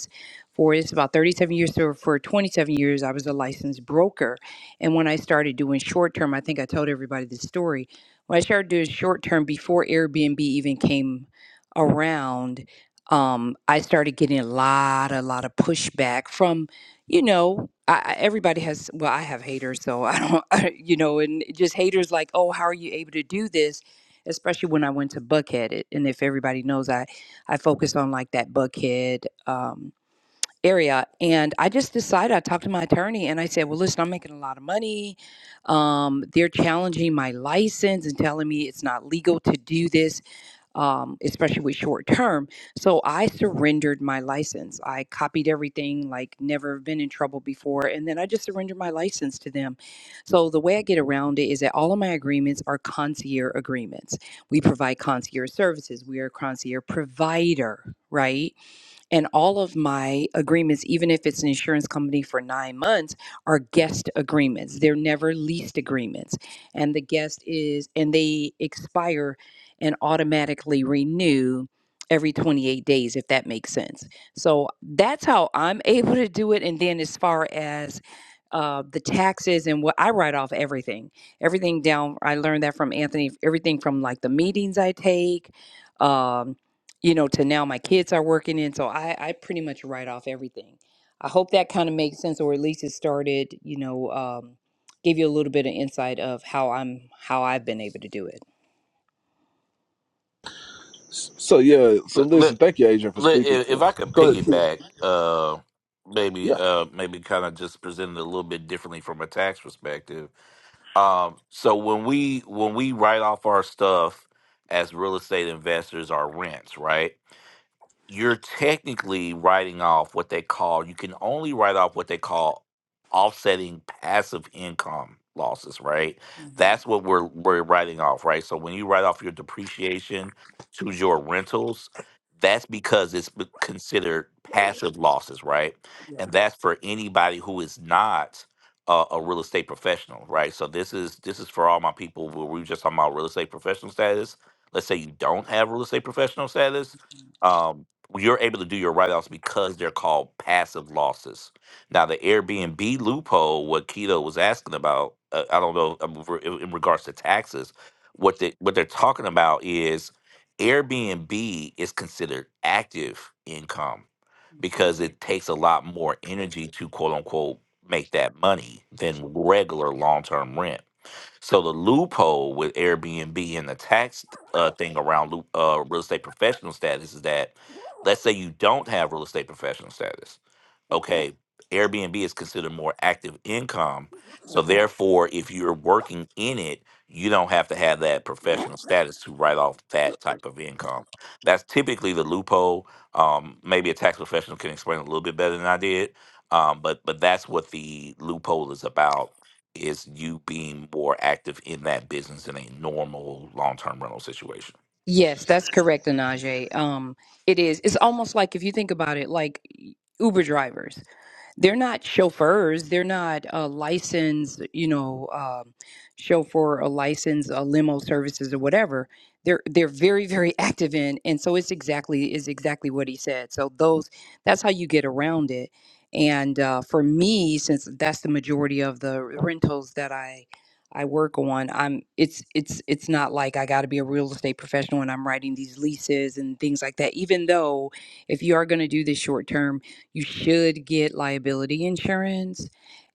S10: for it's about 37 years. So for 27 years, I was a licensed broker. And when I started doing short term, I think I told everybody this story. When I started doing short term before Airbnb even came around, um, I started getting a lot, a lot of pushback from, you know, I, I- everybody has. Well, I have haters, so I don't, *laughs* I, you know, and just haters like, oh, how are you able to do this? Especially when I went to Buckhead, it- and if everybody knows, I I focus on like that Buckhead. Um, area and i just decided i talked to my attorney and i said well listen i'm making a lot of money um, they're challenging my license and telling me it's not legal to do this um, especially with short term so i surrendered my license i copied everything like never been in trouble before and then i just surrendered my license to them so the way i get around it is that all of my agreements are concierge agreements we provide concierge services we are a concierge provider right and all of my agreements even if it's an insurance company for 9 months are guest agreements they're never leased agreements and the guest is and they expire and automatically renew every 28 days if that makes sense so that's how i'm able to do it and then as far as uh, the taxes and what i write off everything everything down i learned that from anthony everything from like the meetings i take um, you know, to now my kids are working in. So I, I pretty much write off everything. I hope that kind of makes sense, or at least it started, you know, um, give you a little bit of insight of how I'm, how I've been able to do it.
S2: s- So yeah. So
S9: Look, look,
S2: listen. Thank you, Adrian, for
S9: look,
S2: speaking
S9: if if
S2: to.
S9: I could
S2: Go ahead. Tia.
S9: piggyback uh maybe
S2: Yeah.
S9: uh maybe kind of just present it a little bit differently from a tax perspective Um, so when we when we write off our stuff as real estate investors, our rents, right? you're technically writing off what they call you can only write off what they call offsetting passive income losses right that's what we're we're writing off right so when you write off your depreciation to your rentals that's because it's b- considered passive losses right and that's for anybody who is not a, a real estate professional right so this is this is for all my people where we were just talking about real estate professional status let's say you don't have real estate professional status um, you're able to do your write-offs because they're called passive losses. Now, the Airbnb loophole, what Keto was asking about, uh, I don't know um, for- in in regards to taxes, what they what they're talking about is Airbnb is considered active income
S10: Mhm.
S9: because it takes a lot more energy to quote unquote make that money than regular long-term rent. So the loophole with Airbnb and the tax uh, thing around loo- uh, real estate professional status is that, let's say you don't have real estate professional status
S10: Yeah.
S9: okay, Airbnb is considered more active income. So therefore, if you're working in it, you don't have to have that professional status to write off that type of income. That's typically the loophole. Um, maybe a tax professional can explain it a little bit better than I did. Um, but but that's what the loophole is about is you being more active in that business in a normal long-term rental situation.
S10: Yes, that's correct, Anaje. Um, it is. It's almost like if you think about it, like Uber drivers. they're not chauffeurs. They're not uh, licensed, you know, um, chauffeur or licensed uh, limo services or whatever. They're they're very very *laughs* active in, and so it's exactly is exactly what he said. So those that's how you get around it. And uh, for me, since that's the majority of the rentals that I I work on, I'm it's it's it's not like I got to be a real estate professional and I'm writing these leases and things like that. Even though if you are going to do this short term you should get liability insurance.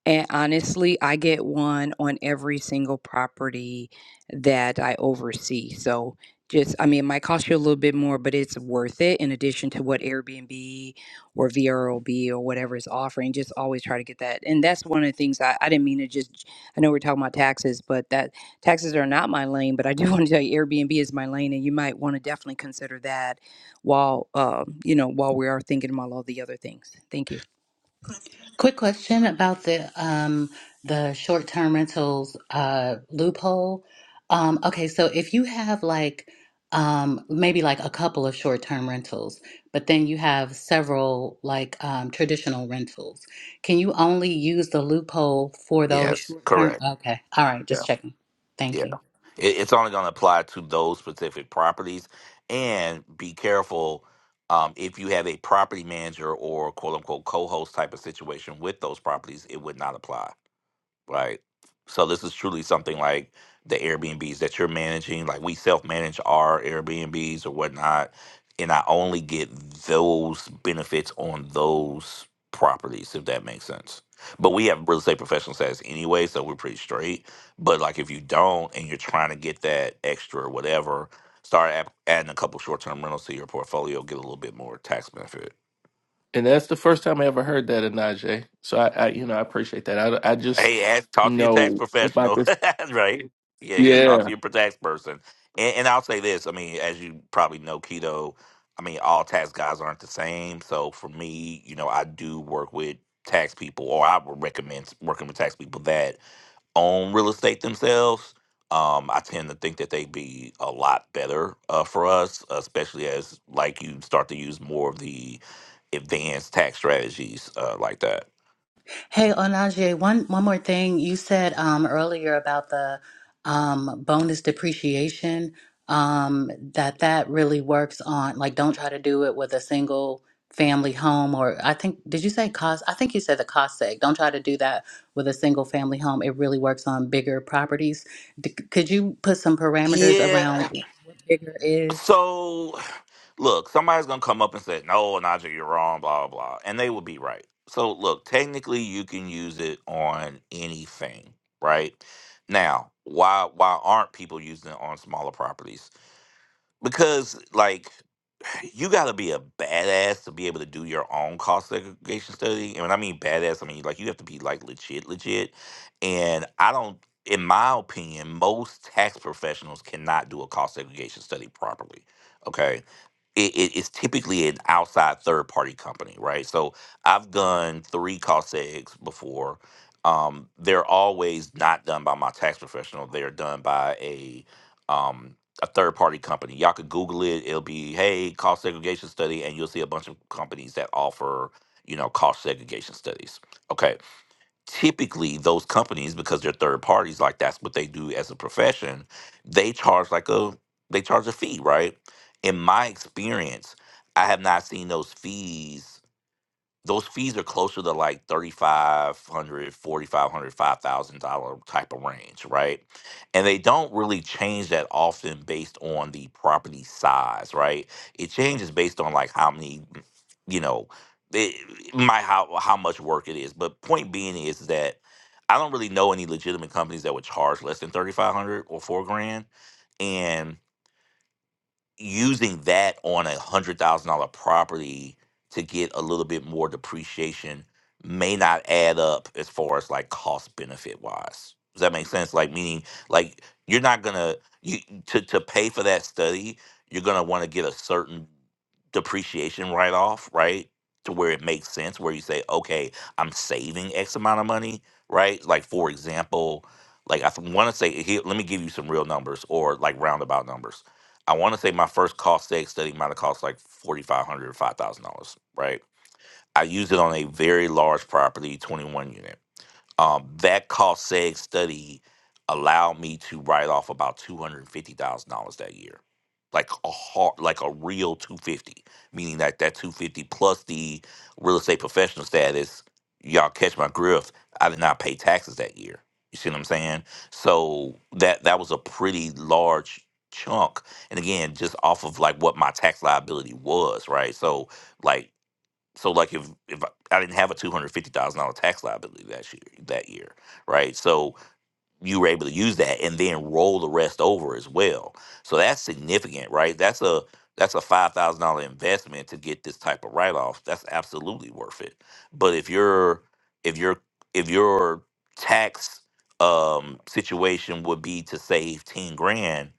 S10: And honestly, I get one on every single property that I oversee. So just, I mean, it might cost you a little bit more, but it's worth it in addition to what Airbnb or VRBO or whatever is offering. Just always try to get that. And that's one of the things I, I didn't mean to just, I know we're talking about taxes, but that taxes are not my lane, but I do *laughs* want to tell you Airbnb is my lane and you might want to definitely consider that while um, you know while we are thinking about all the other things. Thank you.
S3: Quick question about the um the short-term rentals uh loophole. Um okay, so if you have like um maybe like a couple of short-term rentals, but then you have several like um traditional rentals, can you only use the loophole for
S9: Yeah.
S3: those
S9: Yes,
S3: short-term?
S9: correct.
S3: Okay. All right, just checking.
S9: Yeah.
S3: Thank you.
S9: It, it's only going to apply to those specific properties. And be careful um, if you have a property manager or quote unquote co host type of situation with those properties, it would not apply. Right. So this is truly something like the Airbnbs that you're managing. Like we self-manage our Airbnbs or whatnot, and I only get those benefits on those properties, if that makes sense. But we have real estate professional status anyway, so we're pretty straight. But like if you don't and you're trying to get that extra or whatever, start app- adding a couple short-term rentals to your portfolio, get a little bit more tax benefit.
S1: And that's the first time I ever heard that, Onaje. So I, I, you know, I appreciate that. I, I just
S9: Hey, ask, talk to your tax
S1: know about
S9: professional,
S1: this.
S9: *laughs* right? Yeah, yeah. Talk to
S1: Yeah,
S9: your tax person. And, and I'll say this: I mean, as you probably know, keto. I mean, all tax guys aren't the same. So for me, you know, I do work with tax people, or I would recommend working with tax people that own real estate themselves. Um, I tend to think that they'd be a lot better uh, for us, especially as like you start to use more of the advanced tax strategies uh, like that.
S3: Hey, Onaje, one one more thing. You said um, earlier about the um, bonus depreciation um, that that really works on like don't try to do it with a single family home or I think did you say cost? I think you said the cost seg. Don't try to do that with a single family home. It really works on bigger properties. D- could you put some parameters
S9: Yeah, *sighs*
S3: around what bigger is?
S9: So, look, somebody's gonna come up and say, "No, Najee, you're wrong," blah blah, blah," and they would be right. So, look, technically, you can use it on anything, right? Now, why why aren't people using it on smaller properties? Because, like you got to be a badass to be able to do your own cost segregation study. And when I mean badass, I mean like you have to be like legit, legit. And I don't, in my opinion, most tax professionals cannot do a cost segregation study properly. Okay it, it- it's typically an outside third party company, right? So I've done three cost eggs before. Um, they're always not done by my tax professional. They're done by a um, a third party company. Y'all could Google it. It'll be hey cost segregation study, and you'll see a bunch of companies that offer you know cost segregation studies. Okay, typically those companies because they're third parties like that's what they do as a profession they charge like a they charge a fee right in my experience i have not seen those fees those fees are closer to like 3500 dollar type of range right and they don't really change that often based on the property size right it changes based on like how many you know it, my how how much work it is but point being is that i don't really know any legitimate companies that would charge less than 3500 or 4 grand using that on a hundred thousand dollar property to get a little bit more depreciation may not add up as far as like cost benefit wise. Does that make sense? Like meaning like you're not gonna you to to pay for that study, you're gonna want to get a certain depreciation write off, right? To where it makes sense, where you say, okay, I'm saving X amount of money, right? Like for example, like I want to say here, let me give you some real numbers or like roundabout numbers I want to say my first cost egg study might have cost like $4,500 or $5,000, right? I used it on a very large property, 21 unit. Um, that cost seg study allowed me to write off about two hundred and fifty thousand dollars that year, like a hard, like a real two fifty, meaning that that two fifty plus the real estate professional status. Y'all catch my grift. I did not pay taxes that year. You see what I'm saying? So that that was a pretty large chunk, and again, just off of like what my tax liability was, right? So like so like if if I I didn't have a two hundred fifty thousand dollar tax liability that year that year, right? So you were able to use that and then roll the rest over as well. So that's significant, right? That's a that's a five thousand dollar investment to get this type of write off. That's absolutely worth it. But if your if your if your tax um situation would be to save ten grand,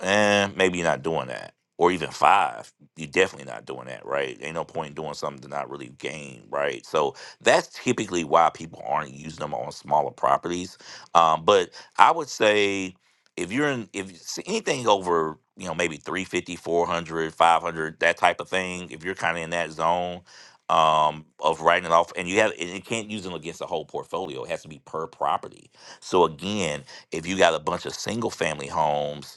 S9: and maybe you're not doing that. Or even five, you're definitely not doing that, right? Ain't no point in doing something to not really gain, right? So that's typically why people aren't using them on smaller properties. Um, but I would say if you're in, if you see anything over, you know, maybe three fifty, four hundred, five hundred, that type of thing, if you're kind of in that zone um, of writing it off and you have, and you can't use them against the whole portfolio, it has to be per property. So again, if you got a bunch of single family homes,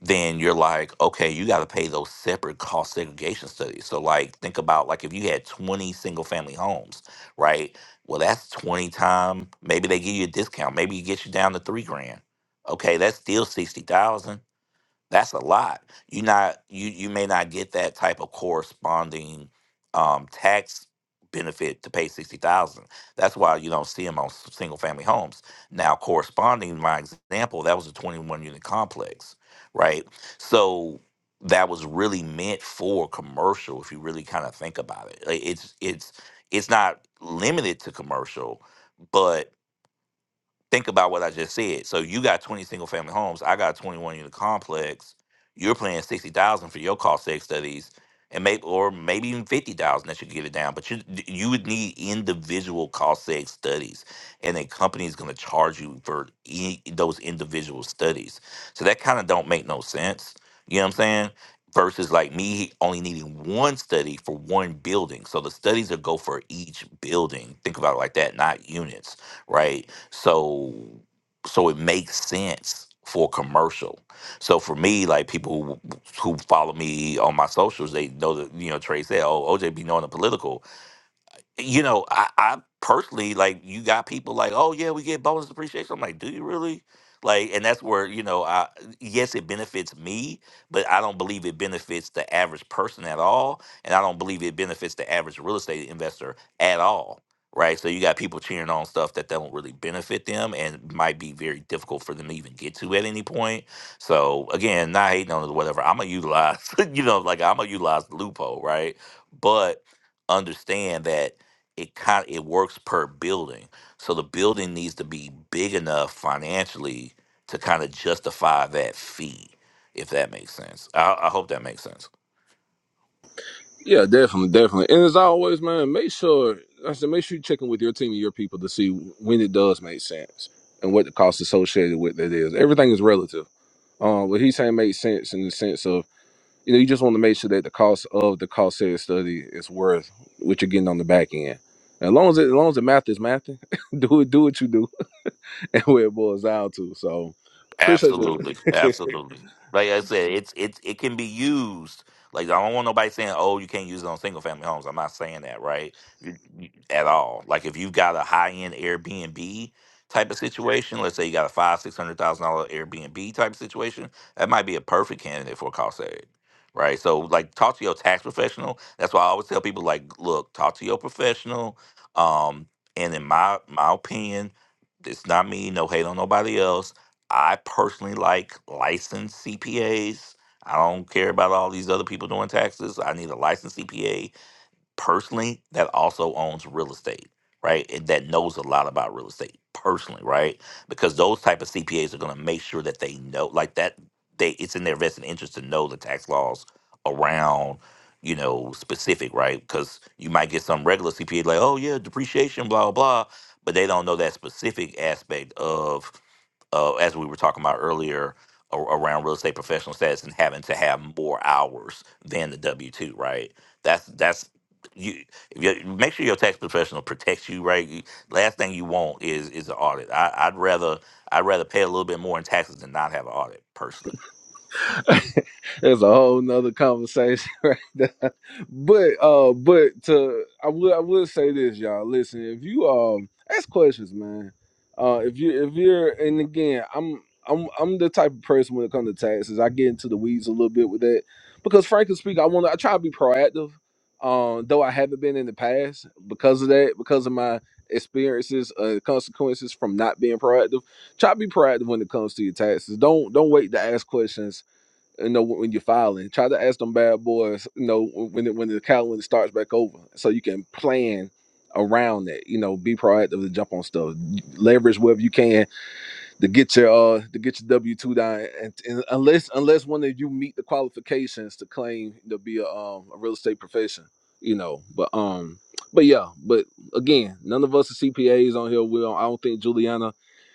S9: then you're like, okay, you got to pay those separate cost segregation studies. So, like, think about like if you had 20 single family homes, right? Well, that's 20 time. Maybe they give you a discount. Maybe it gets you down to three grand. Okay, that's still 60,000 that's a lot. You not you you may not get that type of corresponding um, tax benefit to pay sixty thousand. That's why you don't see them on single family homes. Now, corresponding my example, that was a twenty one unit complex, right? So that was really meant for commercial. If you really kind of think about it, Like, it's it's it's not limited to commercial, but think about what I just said. So you got 20 single family homes. I got a 21 unit complex. You're paying 60,000 for your cost save studies and maybe or maybe even 50,000 that should get it down, but you you would need individual cost save studies and a company is going to charge you for e- those individual studies. So that kind of don't make no sense. You know what I'm saying? Versus like me only needing one study for one building. So the studies that go for each building. Think about it like that, not units right? So so it makes sense for commercial. So for me, like people who who follow me on my socials, they know that you know Trey said, "Oh, OJ be knowing the political." you know, I, I personally like you got people like, oh yeah, we get bonus appreciation. I'm like, do you really? Like, and that's where you know, I yes, it benefits me, but I don't believe it benefits the average person at all, and I don't believe it benefits the average real estate investor at all. Right, so you got people cheering on stuff that don't really benefit them, and might be very difficult for them to even get to at any point. So again, not hating on it or whatever. I'm gonna utilize, *laughs* you know, like I'm gonna utilize the loophole, right? But understand that it kind it works per building. So the building needs to be big enough financially to kind of justify that fee, if that makes sense. I, I hope that makes sense.
S2: Yeah, definitely, definitely. And as always, man, make sure like I said make sure you check in with your team and your people to see when it does make sense and what the cost associated with that is. Everything is relative. Um, what he's saying makes sense in the sense of You know, you just want to make sure that the cost of the cost said study is worth what you're getting on the back end. As long as it, as long as the math is mathing, *laughs* do it, do what you do, *laughs* and where it boils down to. So appreciate
S9: Absolutely,
S2: that. *laughs*
S9: absolutely. Like I said, it's it's it can be used. Like I don't want nobody saying, "Oh, you can't use it on single family homes." I'm not saying that, right? You- you- At all. Like if you've got a high end Airbnb type of situation, let's say you got a five six hundred thousand dollar Airbnb type of situation, that might be a perfect candidate for a cost aid, right? So like, talk to your tax professional. That's why I always tell people, like, look, talk to your professional. Um, and in my my opinion, it's not me. No hate on nobody else I personally like licensed CPAs. I don't care about all these other people doing taxes. I need a licensed CPA personally that also owns real estate, right? And that knows a lot about real estate personally, right? Because those type of CPAs are going to make sure that they know like that they it's in their vested interest to know the tax laws around you know specific right because you might get some regular cpa like oh yeah depreciation blah blah but they don't know that specific aspect of uh, as we were talking about earlier a- around real estate professional status and having to have more hours than the W two, right? That's that's you, you make sure your tax professional protects you right You- last thing you want is is an audit I, i'd rather i'd rather pay a little bit more in taxes than not have an audit personally
S2: *laughs* There's a whole nother conversation *laughs* right there. But uh but to I will I will say this, y'all. Listen, if you um ask questions, man. Uh if you if you're and again, I'm I'm I'm the type of person when it comes to taxes, I get into the weeds a little bit with that. Because frankly speaking, I wanna I try to be proactive, um, though I haven't been in the past because of that, because of my experiences, uh consequences from not being proactive. Try to be proactive when it comes to your taxes. Don't don't wait to ask questions you know when you're filing try to ask them bad boys you know when it, when the calendar starts back over so you can plan around that you know be proactive to jump on stuff leverage wherever you can to get your uh to get your W two down, and, and unless unless one of you meet the qualifications to claim to be a um a real estate profession, you know. But um, but yeah, but again, none of us are CPAs on here. We don't, I don't think Juliana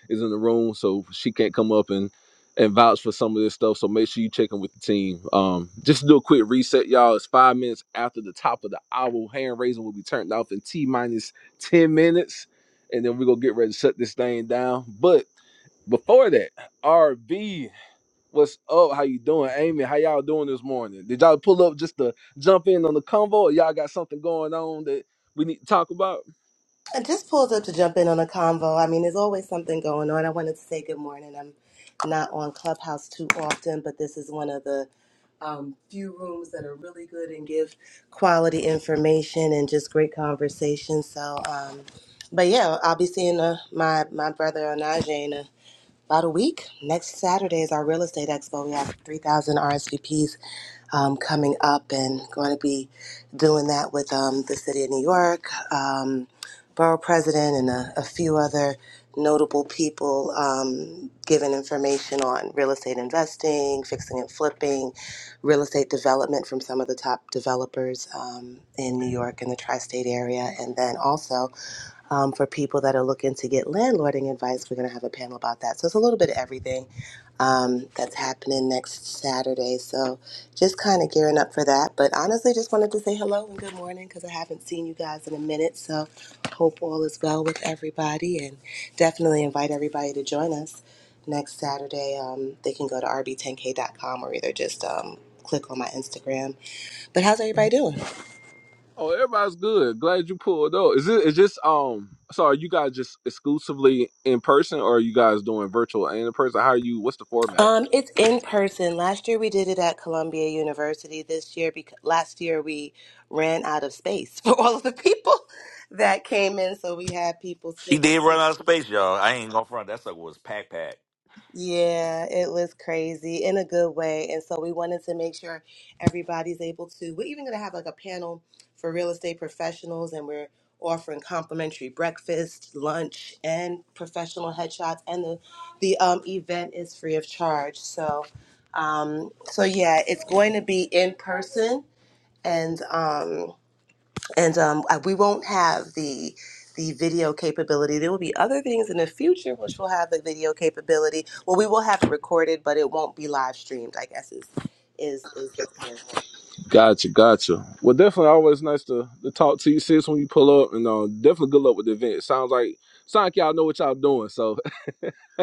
S2: is in the room, so she can't come up and and vouch for some of this stuff. So make sure you check in with the team. Um, just to do a quick reset, y'all. It's five minutes after the top of the hour. Hand raising will be turned off in T minus ten minutes, and then we're gonna get ready to shut this thing down. But before that, RB, what's up? How you doing, Amy? How y'all doing this morning? Did y'all pull up just to jump in on the convo, or y'all got something going on that we need to talk about?
S11: I just pulled up to jump in on a convo. I mean, there's always something going on. I wanted to say good morning. I'm not on Clubhouse too often, but this is one of the um, few rooms that are really good and give quality information and just great conversation. So, um, but yeah, I'll be seeing uh, my my brother Onaje about a week. Next Saturday is our real estate expo. We have 3,000 RSVPs um, coming up and going to be doing that with um, the city of New York, um, borough president, and a, a few other notable people um, giving information on real estate investing, fixing and flipping, real estate development from some of the top developers um, in New York and the tri state area, and then also um, for people that are looking to get landlording advice. We're going to have a panel about that. So it's a little bit of everything um, that's happening next Saturday. So just kind of gearing up for that. But honestly, just wanted to say hello and good morning because I haven't seen you guys in a minute. So hope all is well with everybody and definitely invite everybody to join us next Saturday. Um, they can go to rb10k.com or either just um, click on my Instagram. But how's everybody doing?
S2: Oh, everybody's good. Glad you pulled up. Is it is this um? Sorry, you guys just exclusively in person, or are you guys doing virtual and in person? How are you? What's the format?
S11: Um, it's in person. Last year we did it at Columbia University. This year, because last year we ran out of space *laughs* for all of the people that came in, so we had people.
S9: she did run out of space y'all i ain't gonna front that sucker was pack pack
S11: Yeah, it was crazy in a good way. And so we wanted to make sure everybody's able to. We're even going to have like a panel for real estate professionals, and we're offering complimentary breakfast, lunch, and professional headshots. And the the um, event is free of charge. So, um, so yeah, it's going to be in person, and um, and um, I- we won't have the the video capability. There will be other things in the future which will have the video capability. Well, we will have it recorded, but it won't be live streamed. I guess is is is the point.
S2: Gotcha, gotcha. Well, definitely always nice to, to talk to you, sis, when you pull up. And uh, definitely good luck with the event. Sounds like sounds like y'all know what y'all doing. So, *laughs*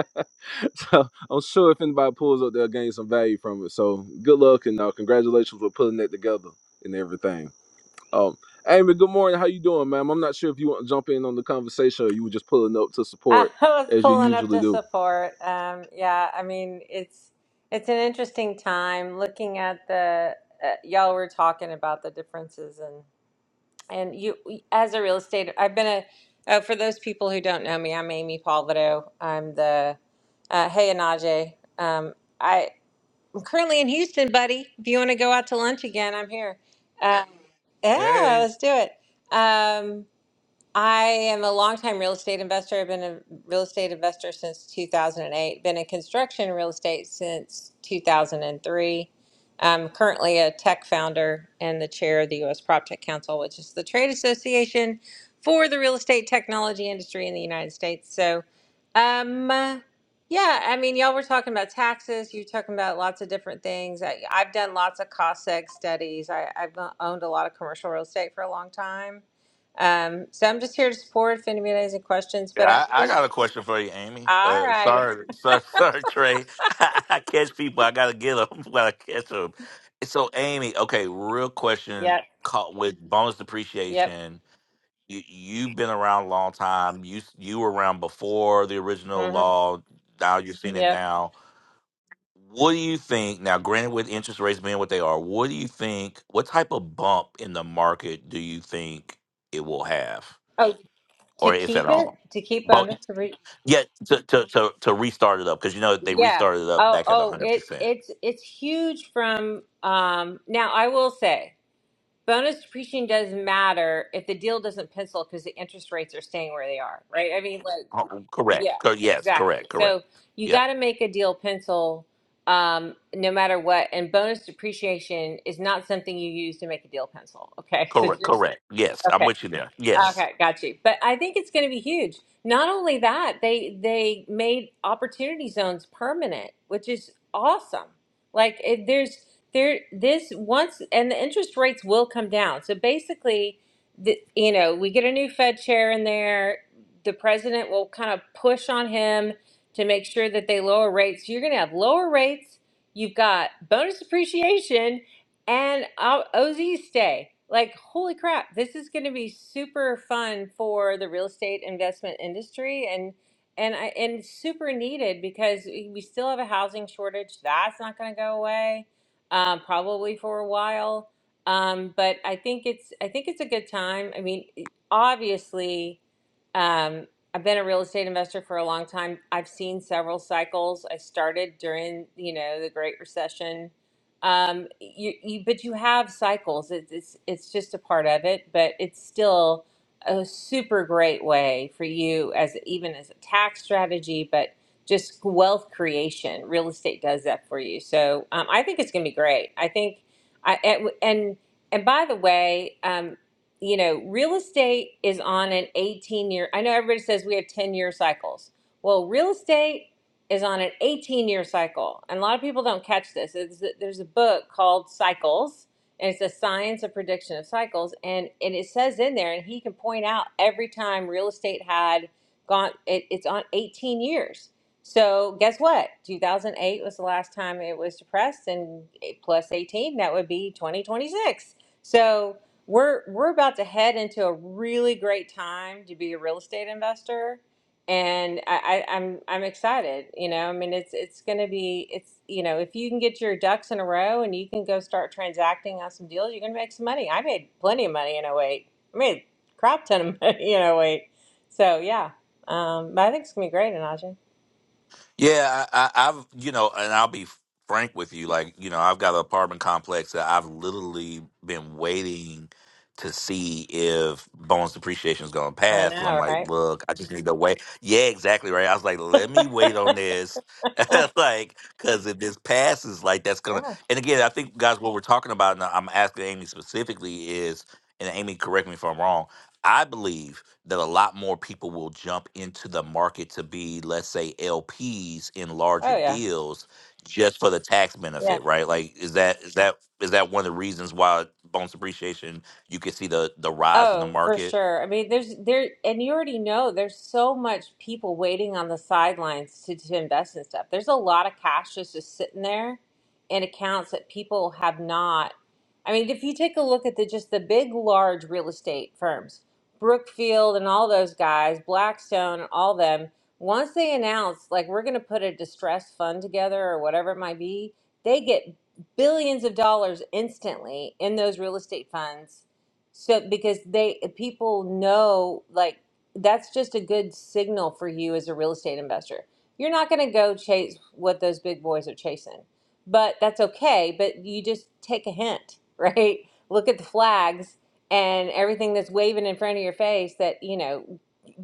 S2: so I'm sure if anybody pulls up, they'll gain some value from it. So good luck and uh, congratulations for pulling that together and everything. Um, Amy, good morning. How you doing, ma'am? I'm not sure if you want to jump in on the conversation or you were just pulling up to
S12: *laughs* I
S2: support
S12: was
S2: as you
S12: pulling up
S2: usually
S12: to
S2: do.
S12: support. Um, yeah, I mean it's it's an interesting time looking at the uh, y'all were talking about the differences and and you as a real estate. I've been a uh, for those people who don't know me, I'm Amy Palvido. I'm the uh, hey Anaje. Um, I, I'm currently in Houston, buddy. If you want to go out to lunch again, I'm here. Um, yeah,
S9: Hey,
S12: let's do it. Um, I am a longtime real estate investor. I've been a real estate investor since 2008, been in construction and real estate since 2003. I'm currently a tech founder and the chair of the U.S. PropTech Council, which is the trade association for the real estate technology industry in the United States. So, um, uh, yeah, I mean, y'all were talking about taxes. You're talking about lots of different things. I, I've done lots of cost seg studies. I, I've owned a lot of commercial real estate for a long time um, so I'm just here to support if anybody has any questions, but I
S9: yeah, I, I
S12: will.
S9: got a question for you, Amy.
S12: all
S9: Uh,
S12: right.
S9: sorry, sorry, *laughs* sorry, Trey. *laughs* I catch people. I gotta get them *laughs* when I catch them. So, Amy, okay, real question
S12: Yep.
S9: caught with bonus
S12: Yep.
S9: depreciation. you you've been around a long time. You s- you were around before the original
S12: hmm
S9: law. Now you're seeing it
S12: Yep.
S9: now. What do you think now? Granted, with interest rates being what they are, what do you think? What type of bump in the market do you think it will have,
S12: Oh, to
S9: or if at
S12: keep it,
S9: all?
S12: to keep
S9: But
S12: bonus. to re-
S9: yet to to to, to restart it up because you know they
S12: Yeah.
S9: restarted it up
S12: Oh,
S9: back at
S12: oh,
S9: hundred
S12: it,
S9: percent.
S12: it's, it's huge from, um, now I will say bonus depreciation doesn't matter if the deal doesn't pencil because the interest rates are staying where they are. Right. I mean, like,
S9: Oh, Correct.
S12: Yeah,
S9: Co- Yes.
S12: exactly.
S9: Correct. Correct.
S12: So you
S9: Yeah.
S12: got to make a deal pencil um, no matter what. And bonus depreciation is not something you use to make a deal pencil. Okay. *laughs* So
S9: Correct.
S12: just,
S9: Correct. Yes.
S12: okay.
S9: I'm with you there. Yes.
S12: Okay, got you. But I think it's going to be huge. Not only that, they they made opportunity zones permanent, which is awesome. Like it, there's there this once and the interest rates will come down. So basically, the, you know, we get a new Fed chair in there. The president will kind of push on him to make sure that they lower rates. You're going to have lower rates. You've got bonus depreciation and I'll, Oz's Day. Like, holy crap, this is going to be super fun for the real estate investment industry and and I and super needed because we we still have a housing shortage. That's not going to go away um, probably for a while. Um, but I think it's I think it's a good time. I mean, e, obviously, um, I've been a real estate investor for a long time. I've seen several cycles. I started during, you know, the Great Recession um you, you but you have cycles it's it's it's just a part of it but it's still a super great way for you as even as a tax strategy but just wealth creation real estate does that for you so um, i think it's going to be great i think i and and and by the way um you know real estate is on an 18 year i know everybody says we have 10 year cycles well real estate is on an 18 year cycle. And a lot of people don't catch this. It's, there's a book called Cycles, and it's a science of prediction of cycles. And, and it says in there, and he can point out every time real estate had gone, it, it's on 18 years. So guess what? 2008 was the last time it was depressed, and eight plus 18, that would be 2026. So we're, we're about to head into a really great time to be a real estate investor and I, I, I'm I'm excited. You know, I mean, it's it's going to be it's you know, if you can get your ducks in a row and you can go start transacting on some deals, you're going to make some money. I made plenty of money in '08. I made a crap ton of *laughs* money in '08. So yeah, um, but I think it's going to be great, Anaja.
S9: Yeah, I, I, I've you know, and I'll be frank with you. Like you know, I've got an apartment complex that I've literally been waiting to see if bonus depreciation is going to
S12: I
S9: pass. So I'm
S12: know,
S9: like,
S12: right?
S9: look, I just need to wait. Yeah, exactly right. I was like, let me wait on
S12: *laughs*
S9: this, *laughs* like, because if this passes, like, that's gonna.
S12: yeah.
S9: And again, I think guys, what we're talking about, and I'm asking Amy specifically is, and Amy, correct me if I'm wrong. I believe that a lot more people will jump into the market to be, let's say, LPs in larger
S12: Oh yeah,
S9: deals just for the tax
S12: yeah.
S9: benefit, right? Like, is that is that is that one of the reasons why bonus appreciation you can see the the rise in the
S12: Oh, for
S9: market?
S12: sure. I mean, there's there, and you already know there's so much people waiting on the sidelines to, to invest in stuff. There's a lot of cash just, just sitting there in accounts that people have not. I mean, if you take a look at the just the big, large real estate firms, Brookfield and all those guys, Blackstone and all them, once they announce like we're going to put a distressed fund together or whatever it might be, they get billions of dollars instantly in those real estate funds so because they eh, people know like that's just a good signal for you as a real estate investor. You're not going to go chase what those big boys are chasing. But that's okay, but you just take a hint, *laughs* right? Look at the flags and everything that's waving in front of your face that, you know,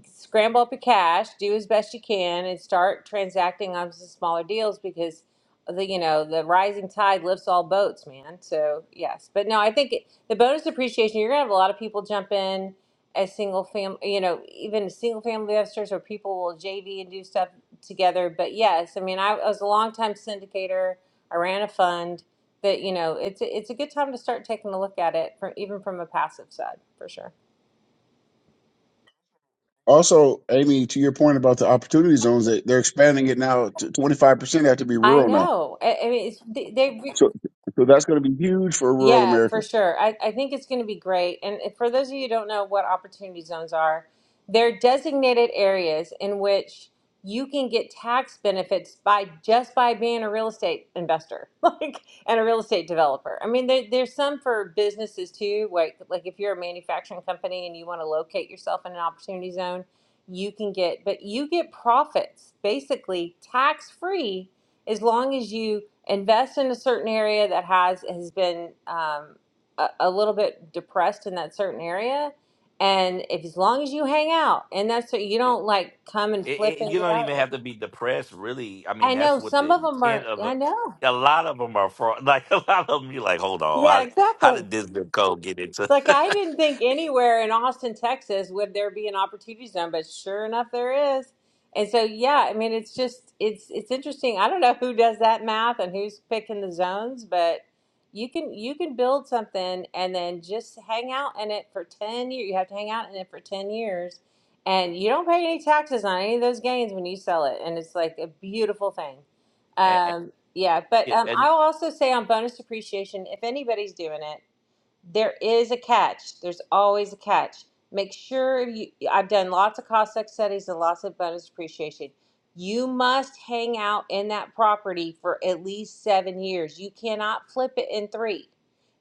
S12: scramble up your cash, do as best you can and start transacting on some smaller deals because the you know, the rising tide lifts all boats, man. So, yes. But no, I think the bonus appreciation you're gonna have a lot of people jump in as single fam, you know even single family investors or people will jv and do stuff together but yes i mean i, was a long time syndicator i ran a fund that you know it's a- it's a good time to start taking a look at it from even from a passive side for sure
S7: Also, Amy, to your point about the opportunity zones, they, they're expanding it now to 25% have to be
S12: i
S7: rural now.
S12: know i, I mean it's, they, they
S7: So, so that's going to be huge for rural
S12: Yeah, for
S7: America.
S12: sure. I, I think it's going to be great. And if- for those of you who don't know what opportunity zones are, they're designated areas in which you can get tax benefits by just by being a real estate investor, *laughs* like and a real estate developer. I mean, there, there's some for businesses too. Like like if you're a manufacturing company and you want to locate yourself in an opportunity zone, you can get, but you get profits basically tax free as long as you invest in a certain area that has has been um, a, a little bit depressed in that certain area, and if as long as you hang out, and that's what you
S9: It,
S12: don't like come and
S9: it,
S12: flip
S9: it-
S12: and
S9: you
S12: get
S9: don't
S12: out of
S9: even
S12: there.
S9: have to be depressed, really. I mean,
S12: I
S9: that's
S12: know
S9: what
S12: some
S9: the
S12: of them
S9: intent
S12: are.
S9: of a.
S12: I know.
S9: A lot of them are fraud. *laughs* Like a lot of them, you're like, hold
S12: Yeah,
S9: on, how, how
S12: exactly.
S9: did this zip code get into?
S12: Like
S9: *laughs*
S12: I didn't think anywhere in Austin, Texas would there be an opportunity zone, but sure enough there is. And so yeah, I mean it's just it's it's interesting. I don't know who does that math and who's picking the zones, but you can you can build something and then just hang out in it for 10 years. You have to hang out in it for 10 years and you don't pay any taxes on any of those gains when you sell it and it's like a beautiful thing.
S9: and,
S12: Um yeah, but um, I'll also say on bonus depreciation, if anybody's doing it, there is a catch. There's always a catch. Make sure you, I've done lots of cost sec studies and lots of bonus appreciation. You must hang out in that property for at least seven years. You cannot flip it in three.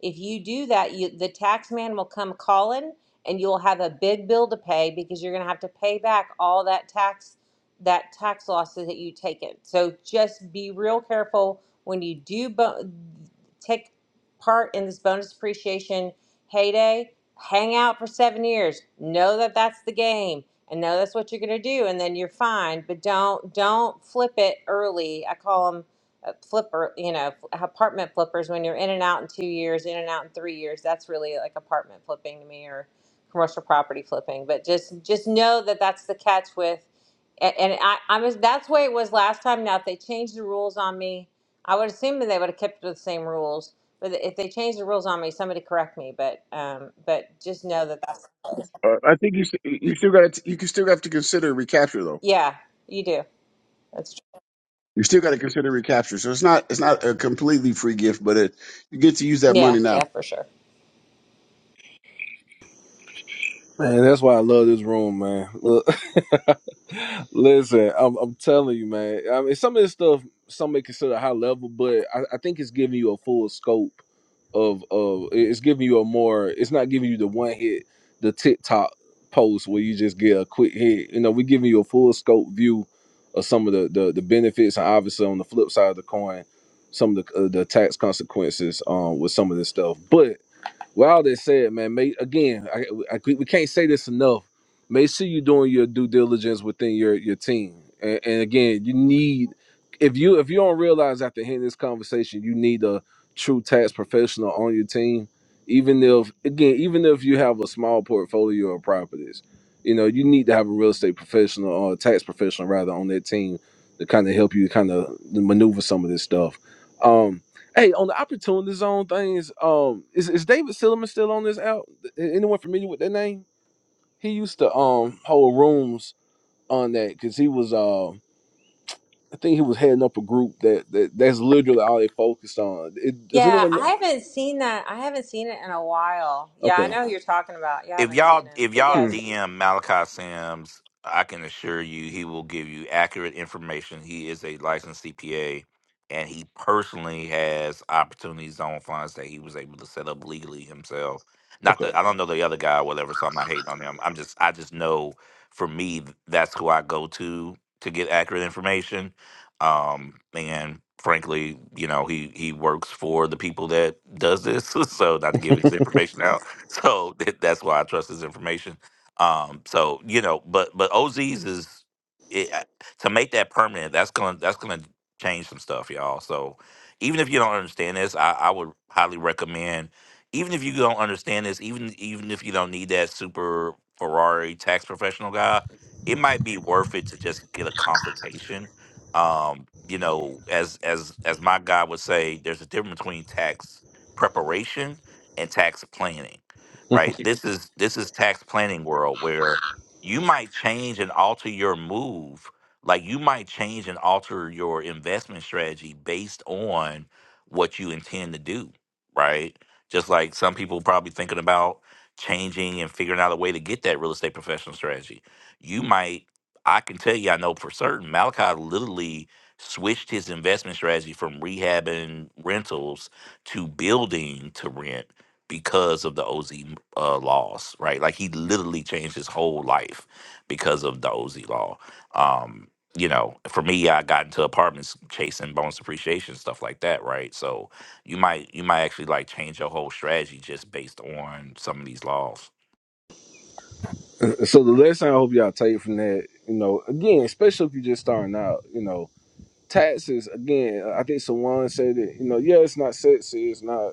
S12: If you do that, you, the tax man will come calling and you'll have a big bill to pay because you're going to have to pay back all that tax that tax losses that you've taken. So just be real careful when you do bo- take part in this bonus depreciation heyday, hang out for seven years. Know that that's the game, and know that's what you're going to do, and then you're fine. But don't don't flip it early. I call them flipper, you know, apartment flippers. When you're in and out in two years, in and out in three years, that's really like apartment flipping to me, or commercial property flipping. But just just know that that's the catch with. And and I, I was that's the way it was last time. Now if they change the rules on me, I would assume that they would have kept with the same rules, but if they change the rules on me, somebody correct me. But um, but just know that that's
S7: Uh, I think you s- you still got to you can still have to consider recapture though.
S12: yeah, you do. That's true.
S7: You still got to consider recapture. So it's not it's not a completely free gift, but it, you get to use that
S12: Yeah,
S7: money
S12: yeah,
S7: now.
S12: for sure.
S2: Man, that's why I love this room, man. Look, *laughs* listen, I'm, I'm telling you, man. I mean, some of this stuff some may consider high level, but I, I think it's giving you a full scope of of it's giving you a more. It's not giving you the one hit, the TikTok post where you just get a quick hit. You know, we're giving you a full scope view of some of the the, the benefits, and obviously on the flip side of the coin, some of the uh, the tax consequences um with some of this stuff, but. Well, all that said, man, make again, I, I, we can't say this enough. Make sure you're doing your due diligence within your your team. And, and again, you need if you if you don't realize after hearing this conversation, you need a true tax professional on your team. Even if again, even if you have a small portfolio of properties, you know you need to have a real estate professional or a tax professional rather on that team to kind of help you kind of maneuver some of this stuff. Um, Hey, on the opportunity zone things, um, is, is David Silliman still on this out? Anyone familiar with that name? He used to um hold rooms on that because he was uh I think he was heading up a group that, that that's literally all they focused on. It, does
S12: Yeah,
S2: anyone
S12: I
S2: know?
S12: haven't seen that. I haven't seen it in a while. Yeah, I
S2: Okay.
S12: know who you're talking about. Yeah, I
S9: if
S12: haven't seen
S9: y'all
S12: him,
S9: if
S12: but
S9: y'all
S2: Hmm.
S12: yes.
S9: DM Malachi Sims, I can assure you he will give you accurate information. He is a licensed CPA, and he personally has opportunity zone funds that he was able to set up legally himself. Not that I
S2: Okay.
S9: don't know the other guy or whatever, so I'm not hating on him. I'm just I just know for me that's who I go to to get accurate information. Um, and frankly, you know, he he works for the people that does this, *laughs* so not to give his
S2: *laughs*
S9: information out *laughs* so that, that's why I trust his information. Um, so you know, but but OZ's is it, I- to make that permanent. That's gonna that's gonna change some stuff, y'all. So even if you don't understand this, I, I would highly recommend. Even if you don't understand this, even even if you don't need that super Ferrari tax professional guy, it might be worth it to just get a consultation. Um, you know, as as as my guy would say, there's a difference between tax preparation and tax planning right? This is this is tax planning world where you might change and alter your move, like you might change and alter your investment strategy based on what you intend to do, right? Just like some people probably thinking about changing and figuring out a way to get that real estate professional strategy. You might I can tell you I know for certain Malachi literally switched his investment strategy from rehabbing rentals to building to rent because of the OZ uh, laws, right? Like he literally changed his whole life because of the OZ law. Um, you know, for me, I got into apartments chasing bonus appreciation stuff like that, right? So you might you might actually like change your whole strategy just based on some of these laws.
S2: Uh, So the lesson I hope y'all take from that, you know, again, especially if you're just starting out, you know. taxes again uh, i think someone said it you know yeah it's not sexy it's not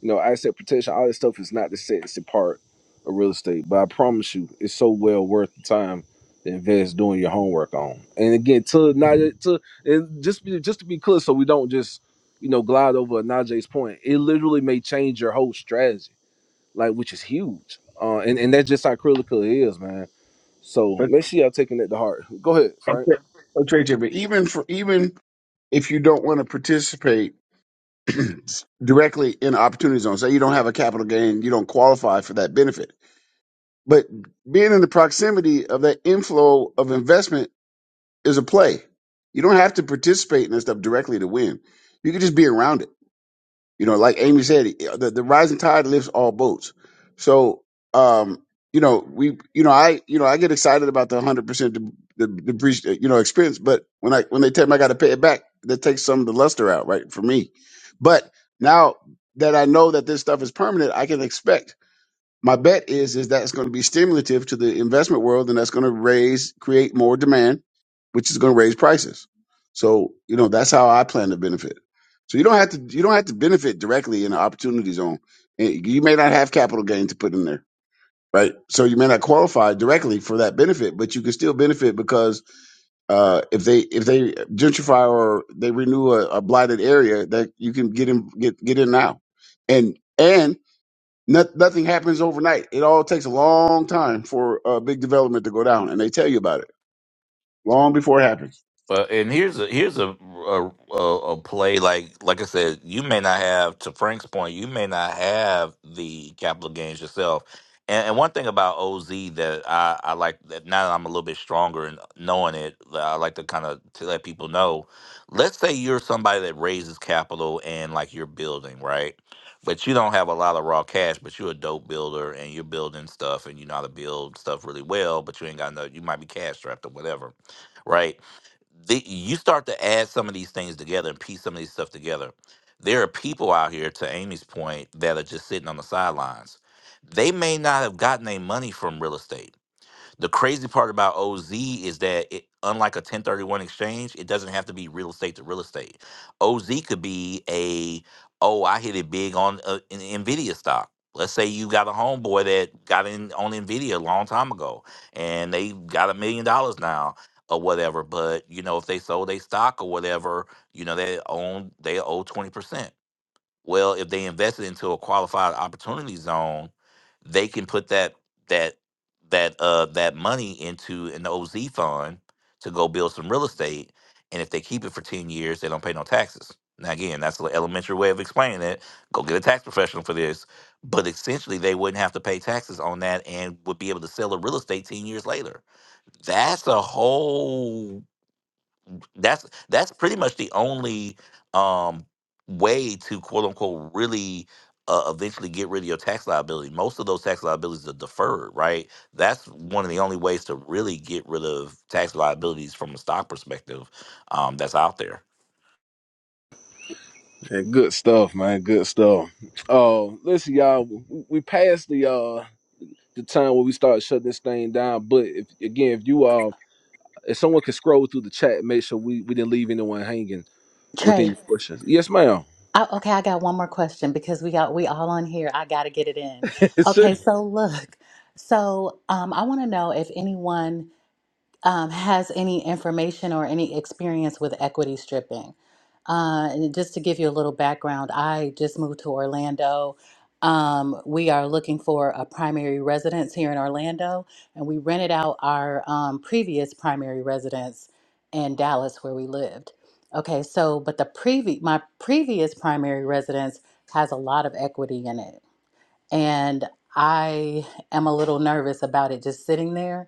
S2: you know asset protection all this stuff is not the sexy part of real estate but i promise you it's so well worth the time to invest doing your homework on and again to not to and just be just to be clear so we don't just you know glide over Najee's point it literally may change your whole strategy like which is huge uh and, and that's just how critical it is man so
S7: But
S2: make sure y'all taking that to heart go ahead frank
S7: okay, okay, but even for even if you don't want to participate *clears throat* directly in opportunity zones, say you don't have a capital gain, you don't qualify for that benefit But being in the proximity of that inflow of investment is a play. You don't have to participate in that stuff directly to win. You can just be around it. You know, like Amy said, eh, the, the rising tide lifts all boats. So, um, you know, we, you know, I, you know, I get excited about the hundred percent the depreciation, you know, expense. But when I when they tell me I got to pay it back, that takes some of the luster out, right, for me. But now that I know that this stuff is permanent, I can expect my bet is is that it's going to be stimulative to the investment world and that's going to raise create more demand which is going to raise prices so you know that's how i plan to benefit so you don't have to you don't have to benefit directly in the opportunity zone And you may not have capital gain to put in there right so you may not qualify directly for that benefit but you can still benefit because uh, if they if they gentrify or they renew a, a blighted area that you can get in get get in now and and not, nothing happens overnight. It all takes a long time for a big development to go down, and they tell you about it long before it happens.
S9: Well, and here's a here's a a, a a play like like I said, you may not have to Frank's point, you may not have the capital gains yourself. And, and one thing about OZ that I, I like that now that I'm a little bit stronger in knowing it, that I like to kind of to let people know. Let's say you're somebody that raises capital and like you're building, right? But you don't have a lot of raw cash, but you're a dope builder and you're building stuff and you know how to build stuff really well, but you ain't got no, you might be cash strapped or whatever, right? the, you start to add some of these things together and piece some of these stuff together. There are people out here, to Amy's point, that are just sitting on the sidelines. They may not have gotten their money from real estate the crazy part about OZ is that it, unlike a 1031 exchange, it doesn't have to be real estate to real estate. OZ could be a oh, I hit it big on uh, an Nvidia stock. Let's say you got a homeboy that got in on Nvidia a long time ago, and they got a million dollars now or whatever. But you know, if they sold a stock or whatever, you know they own they owe 20%. Well, if they invested into a qualified opportunity zone, they can put that that that uh that money into an OZ fund to go build some real estate. And if they keep it for 10 years, they don't pay no taxes. Now again, that's an elementary way of explaining it. Go get a tax professional for this. But essentially they wouldn't have to pay taxes on that and would be able to sell the real estate 10 years later. That's a whole that's that's pretty much the only um way to quote unquote really uh, eventually get rid of your tax liability most of those tax liabilities are deferred right that's one of the only ways to really get rid of tax liabilities from a stock perspective um that's out there
S2: That good stuff, man. Good stuff. Uh, listen, y'all. We we passed the uh the time where we started shutting this thing down. But if, again, if you uh, if someone could scroll through the chat, make sure we we didn't leave anyone hanging with any questions. Yes, ma'am.
S3: I, okay, I got one more question because we got we all on here. I got to get it in.
S2: *laughs*
S3: Okay,
S2: sure.
S3: so look, so um, I want to know if anyone um, has any information or any experience with equity stripping. Uh, and just to give you a little background, I just moved to Orlando. Um, we are looking for a primary residence here in Orlando, and we rented out our um, previous primary residence in Dallas where we lived. Okay, so but the previ- my previous primary residence has a lot of equity in it and I am a little nervous about it just sitting there.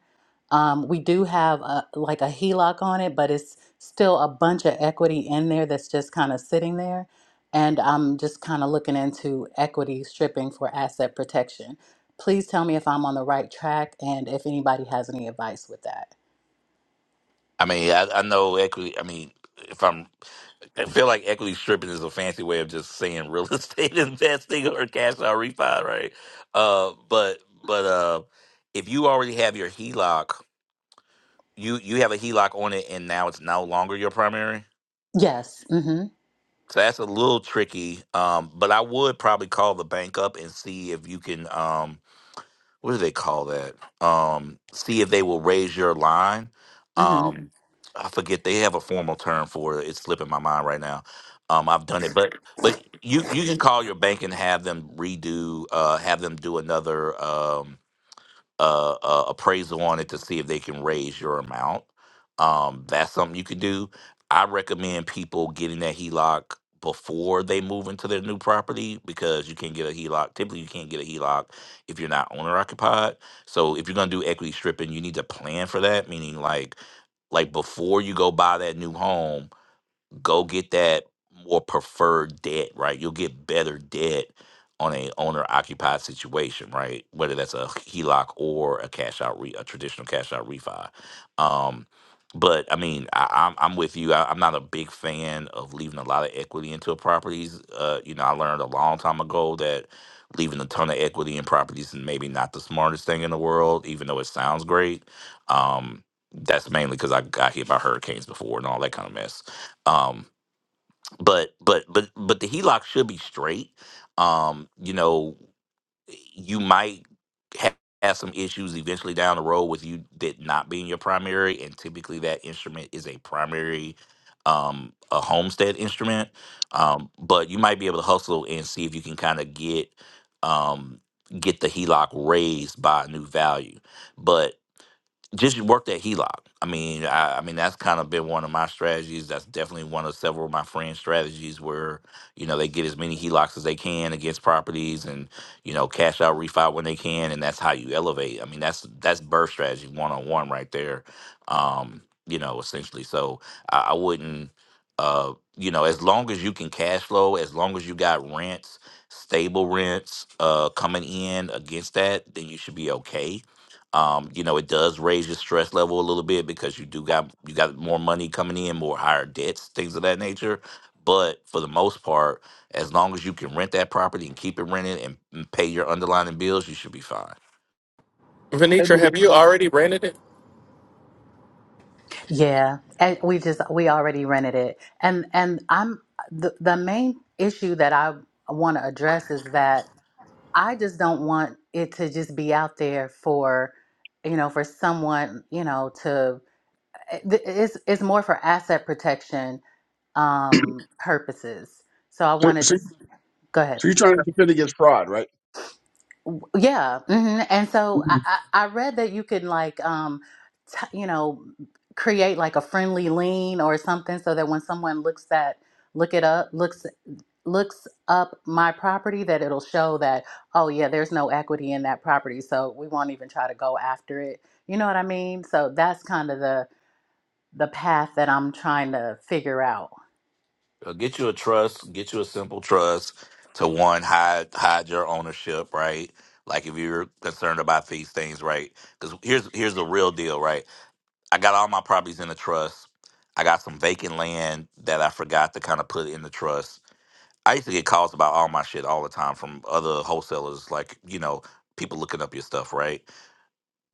S3: Um, we do have a, like a HELOC on it, but it's still a bunch of equity in there that's just kind of sitting there. And I'm just kind of looking into equity stripping for asset protection. Please tell me if I'm on the right track and if anybody has any advice with that.
S9: i mean i, I know equity i mean if i'm i feel like equity stripping is a fancy way of just saying real *laughs* estate investing or cash out refi right uh but but uh if you already have your heloc you you have a HELOC on it, and now it's no longer your primary.
S3: Yes. Mm-hmm.
S9: So that's a little tricky. Um, but I would probably call the bank up and see if you can. Um, what do they call that? Um, see if they will raise your line.
S3: Mm-hmm.
S9: Um, I forget they have a formal term for it. It's slipping my mind right now. Um, I've done it, but but you you can call your bank and have them redo, uh, have them do another. Um. uh, uh, appraisal on it to see if they can raise your amount. Um, that's something you could do. I recommend people getting that HELOC before they move into their new property because you can get a HELOC. Typically, you can't get a HELOC if you're not owner occupied. So if you're gonna do equity stripping, you need to plan for that. Meaning, like like before you go buy that new home go get that more preferred debt, right? You'll get better debt on a owner occupied situation, right? Whether that's a HELOC or a cash out, re- a traditional cash out refi. Um, but I mean, I, I'm I'm with you. I, I'm not a big fan of leaving a lot of equity into properties. Uh, you know, I learned a long time ago that leaving a ton of equity in properties is maybe not the smartest thing in the world, even though it sounds great. Um, that's mainly because I got hit by hurricanes before and all that kind of mess. Um, but but but but the HELOC should be straight. Um, you know, you might ha- have some issues eventually down the road with you that not being your primary, and typically that instrument is a primary, um, a homestead instrument. Um, but you might be able to hustle and see if you can kind of get um get the HELOC raised by a new value. But just work that HELOC. I mean, I, I mean that's kind of been one of my strategies. That's definitely one of several of my friends' strategies where you know they get as many HELOCs as they can against properties, and you know cash out, refi when they can, and that's how you elevate. I mean, that's that's birth strategy one on one right there. Um, you know, essentially. So I, I wouldn't, uh, you know, as long as you can cash flow, as long as you got rents, stable rents, uh, coming in against that, then you should be okay um, you know, it does raise your stress level a little bit because you do got you got more money coming in, more higher debts, things of that nature. But for the most part, as long as you can rent that property and keep it rented and, and pay your underlying bills, you should be fine.
S7: So,
S1: Venetra, have you already rented it?
S3: Yeah. And we just we already rented it. And and I'm the the main issue that I want to address is that I just don't want it to just be out there for, you know, for someone, you know, to it- it's it's more for asset protection um purposes. So I want to
S7: so,
S3: just go ahead.
S7: so you're trying to defend against fraud, right?
S3: Yeah, hmm and so I, I I read that you can like um t- you know create like a friendly lean or something so that when someone looks at look it up looks looks up my property that it'll show that oh yeah there's no equity in that property so we won't even try to go after it you know what i mean so that's kind of the the path that i'm trying to figure out
S9: Uh, Get you a trust, get you a simple trust to one hide hide your ownership, right? Like if you're concerned about these things, right? Because here's here's the real deal, right? I got all my properties in a trust. I got some vacant land that I forgot to kind of put in the trust I used to get calls about all my shit all the time from other wholesalers, like, you know, people looking up your stuff, right?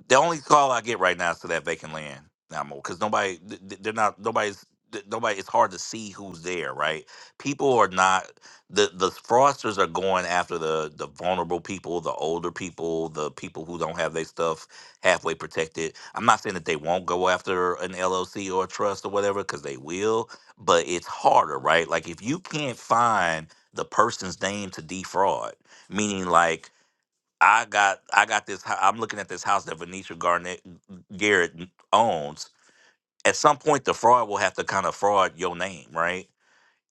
S9: The only call I get right now is to that vacant land now more because nobody th- th- they're not nobody's th- nobody. It's hard to see who's there, right? People are not the the fraudsters are going after the the vulnerable people, the older people, the people who don't have their stuff halfway protected. I'm not saying that they won't go after an LLC or a trust or whatever because they will, but it's harder, right? Like if you can't find the person's name to defraud, meaning like I got I got this. hou- I'm looking at this house that Venetia Garnett Garrett owns. At some point, the fraud will have to kind of fraud your name, right?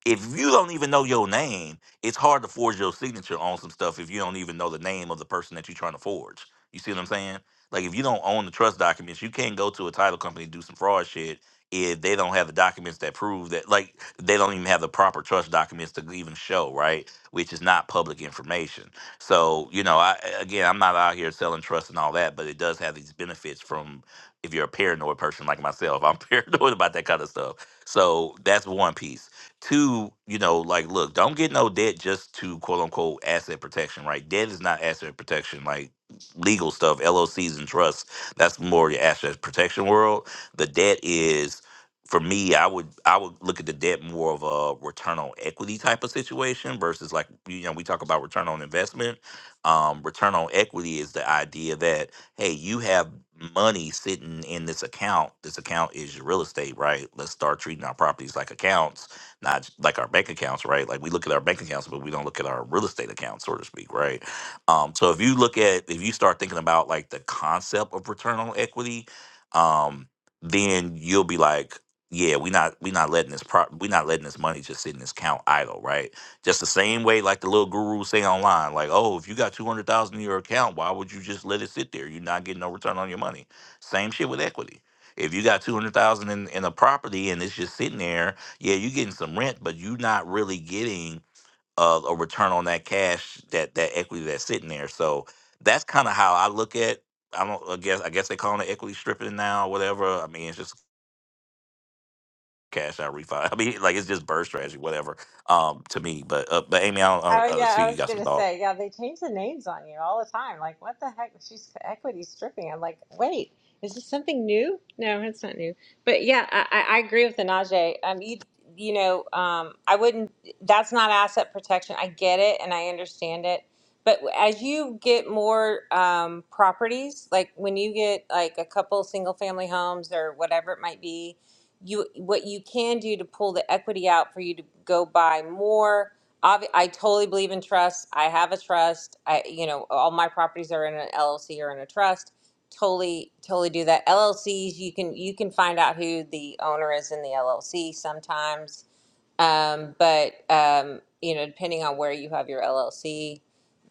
S9: if you don't even know your name, it's hard to forge your signature on some stuff if you don't even know the name of the person that you're trying to forge. You see what I'm saying? Like if you don't own the trust documents, you can't go to a title company and do some fraud shit if they don't have the documents that prove that like they don't even have the proper trust documents to even show, right? Which is not public information. So, you know, I again I'm not out here selling trust and all that, but it does have these benefits from if you're a paranoid person like myself. I'm *laughs* paranoid about that kind of stuff. So that's one piece. Two, you know, like, look, don't get no debt just to quote unquote asset protection, right? Debt is not asset protection, like legal stuff, LOCs and trusts. That's more your asset protection world. The debt is, for me, I would I would look at the debt more of a return on equity type of situation versus like you know we talk about return on investment. Um, return on equity is the idea that hey, you have money sitting in this account. This account is your real estate, right? Let's start treating our properties like accounts not like our bank accounts, right? Like we look at our bank accounts, but we don't look at our real estate accounts, so to speak, right? Um, so if you look at, if you start thinking about like the concept of return on equity, um, then you'll be like, yeah, we not we not letting this pro we not letting this money just sit in this account idle, right? Just the same way like the little gurus say online, like, oh, if you got two hundred thousand in your account, why would you just let it sit there? You're not getting no return on your money. Same shit with equity. If you got two hundred thousand in in a property and it's just sitting there yeah, you're getting some rent, but you're not really getting uh, a return on that cash, that that equity that's sitting there. So that's kind of how I look at. I don't. I guess I guess they call it equity stripping now, whatever. I mean, it's just cash out refi. *laughs* I mean, like it's just bird strategy, whatever. Um, to me, but uh, but Amy, I don't, uh,
S12: Oh
S9: uh,
S12: yeah,
S9: see
S12: I
S9: you
S12: was
S9: got some
S12: gonna
S9: thoughts.
S12: say, yeah, they change the names on you all the time. Like, what the heck? She's equity stripping. I'm like, wait, is this something new? No, it's not new. But yeah, I, I I agree with the Najee. Um, you, you know, um, I wouldn't. That's not asset protection. I get it and I understand it. But as you get more um, properties, like when you get like a couple single family homes or whatever it might be, you what you can do to pull the equity out for you to go buy more obvi- I totally believe in trust. I have a trust. I, you know, all my properties are in an LLC or in a trust. Totally, totally do that. LLCs, you can you can find out who the owner is in the LLC sometimes um, but um, you know, depending on where you have your LLC,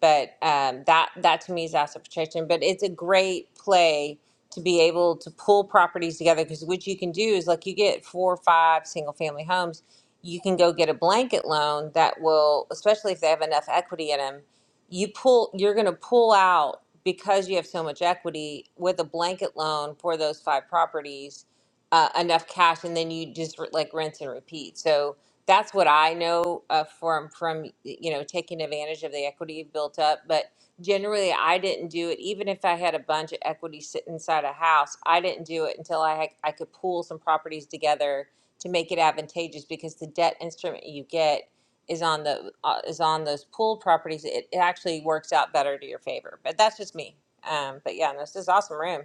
S12: but um, that that to me is asset protection. But it's a great play to be able to pull properties together because what you can do is like you get four or five single family homes, you can go get a blanket loan that will, especially if they have enough equity in them, you pull you're going to pull out because you have so much equity with a blanket loan for those five properties uh, enough cash and then you just like rinse and repeat so that's what I know uh, from from you know taking advantage of the equity you've built up. But generally, I didn't do it. Even if I had a bunch of equity sitting inside a house, I didn't do it until I had, I could pool some properties together to make it advantageous because the debt instrument you get is on the uh, is on those pool properties. It, it actually works out better to your favor. But that's just me. Um, but yeah, no, this is awesome room.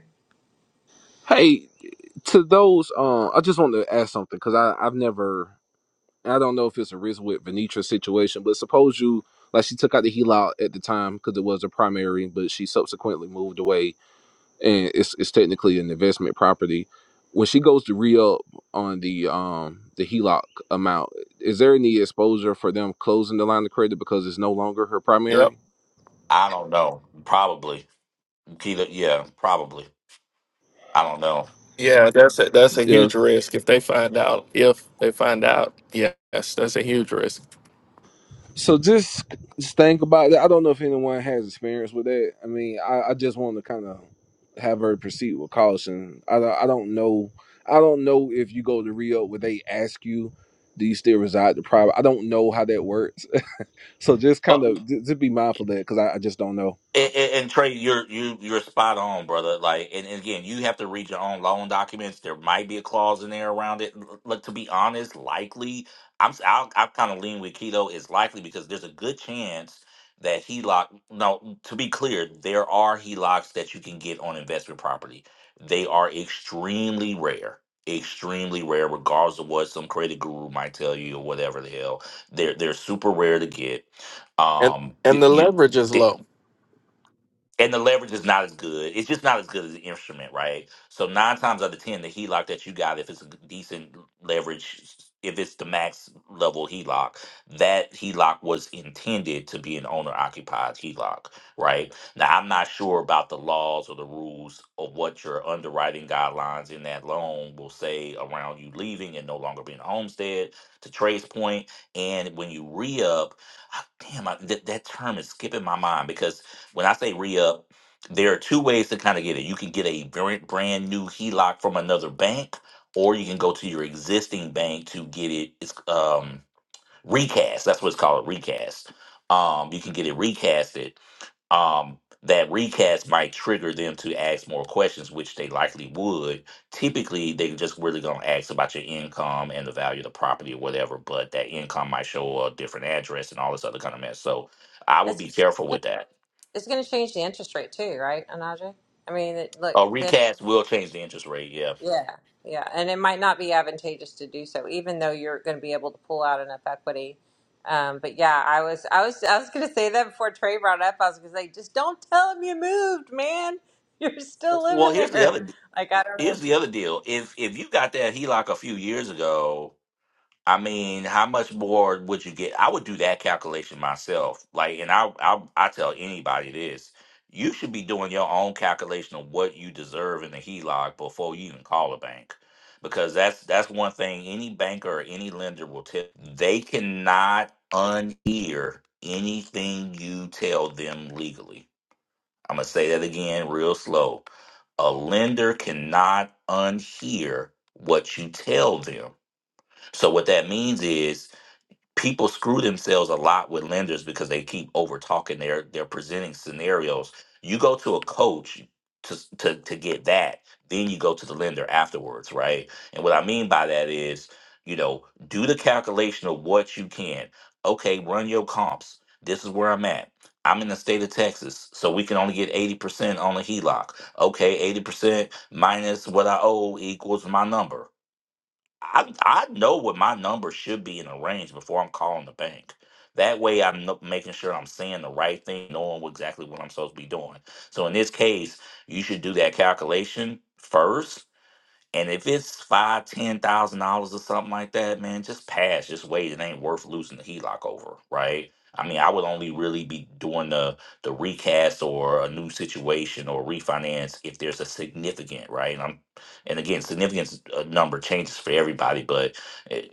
S2: Hey, to those, um, I just want to ask something because I I've never, I don't know if it's a risk with Venetra situation, but suppose you like she took out the heel at the time because it was a primary, but she subsequently moved away and it's it's technically an investment property. When she goes to re up on the um the HELOC amount, is there any exposure for them closing the line of credit because it's no longer her
S1: Yep.
S2: primary?
S9: I don't know. Probably. Keita, yeah, probably. I don't know.
S1: Yeah, that's a, that's a
S2: Yeah.
S1: huge risk if they find out. If they find out, yes, that's a huge risk.
S2: So just just think about that. I don't know if anyone has experience with that. I mean, I, I just want to kind of have her proceed with caution. I don't, I don't know. I don't know if you go to Rio where they ask you, do you still reside the private? I don't know how that works. *laughs* so just kind of just, be mindful of that because I, I just don't know.
S9: And, and, and Trey, you're you you're spot on, brother. Like, and, and again, you have to read your own loan documents. There might be a clause in there around it. L- Look, to be honest, likely, I'm s- I'll, I'll kind of lean with Keto is likely because there's a good chance that he lock. No, to be clear, there are HELOCs that you can get on investment property. They are extremely rare, extremely rare, regardless of what some credit guru might tell you or whatever the hell. They're they're super rare to get.
S1: And
S9: Um,
S1: and
S9: th-
S1: the
S9: you
S1: leverage is low.
S9: and the leverage is not as good. It's just not as good as the instrument, right? So nine times out of ten, the HELOC that you got, if it's a decent leverage, if it's the max level HELOC, that HELOC was intended to be an owner occupied HELOC, right? Now I'm not sure about the laws or the rules of what your underwriting guidelines in that loan will say around you leaving and no longer being a homestead. To Trey's point, and when you re up, damn, I, that that term is skipping my mind because when I say re up, there are two ways to kind of get it. You can get a brand brand new HELOC from another bank, or you can go to your existing bank to get it. It's um, recast. That's what it's called, recast. Um, you can get it recasted. Um, that recast might trigger them to ask more questions, which they likely would. Typically, they just really gonna ask about your income and the value of the property or whatever, but that income might show a different address and all this other kind of mess. So I would
S12: It's
S9: be careful with that.
S12: it's going to change the interest rate too, right, Anaja? I mean, it, look,
S9: A
S12: the
S9: recast will change the interest rate. Yeah.
S12: Yeah, yeah, and it might not be advantageous to do so, even though you're going to be able to pull out enough equity. Um, but yeah, I was, I was, I was going to say that before Trey brought it up. I was going to say, just don't tell him you moved, man. *laughs* You're still
S9: Well,
S12: living
S9: here's the
S12: there.
S9: other
S12: Like I don't know.
S9: here's the other deal. If if you got that HELOC a few years ago, I mean, how much more would you get? I would do that calculation myself. Like, and I I I tell anybody this. You should be doing your own calculation of what you deserve in the HELOC before you even call a bank. Because that's that's one thing any banker or any lender will tell they cannot unhear anything you tell them legally I'm going to say that again real slow. A lender cannot unhear what you tell them. So, what that means is people screw themselves a lot with lenders because they keep over talking They're they're presenting scenarios you go to a coach to, s- to to get that then you go to the lender afterwards right and what i mean by that is you know do the calculation of what you can okay run your comps this is where i'm at i'm in the state of texas so we can only get 80% on a heloc okay 80% minus what i owe equals my number I I know what my number should be in a range before I'm calling the bank. That way, I'm no- making sure I'm saying the right thing, knowing what- exactly what I'm supposed to be doing. So in this case, you should do that calculation first and if it's five, ten thousand dollars or something like that, man, just pass. Just wait. It ain't worth losing the HELOC over, right? I mean, I would only really be doing the the recast or a new situation or refinance if there's a significant, right? And I'm, and again, significant number changes for everybody, but it,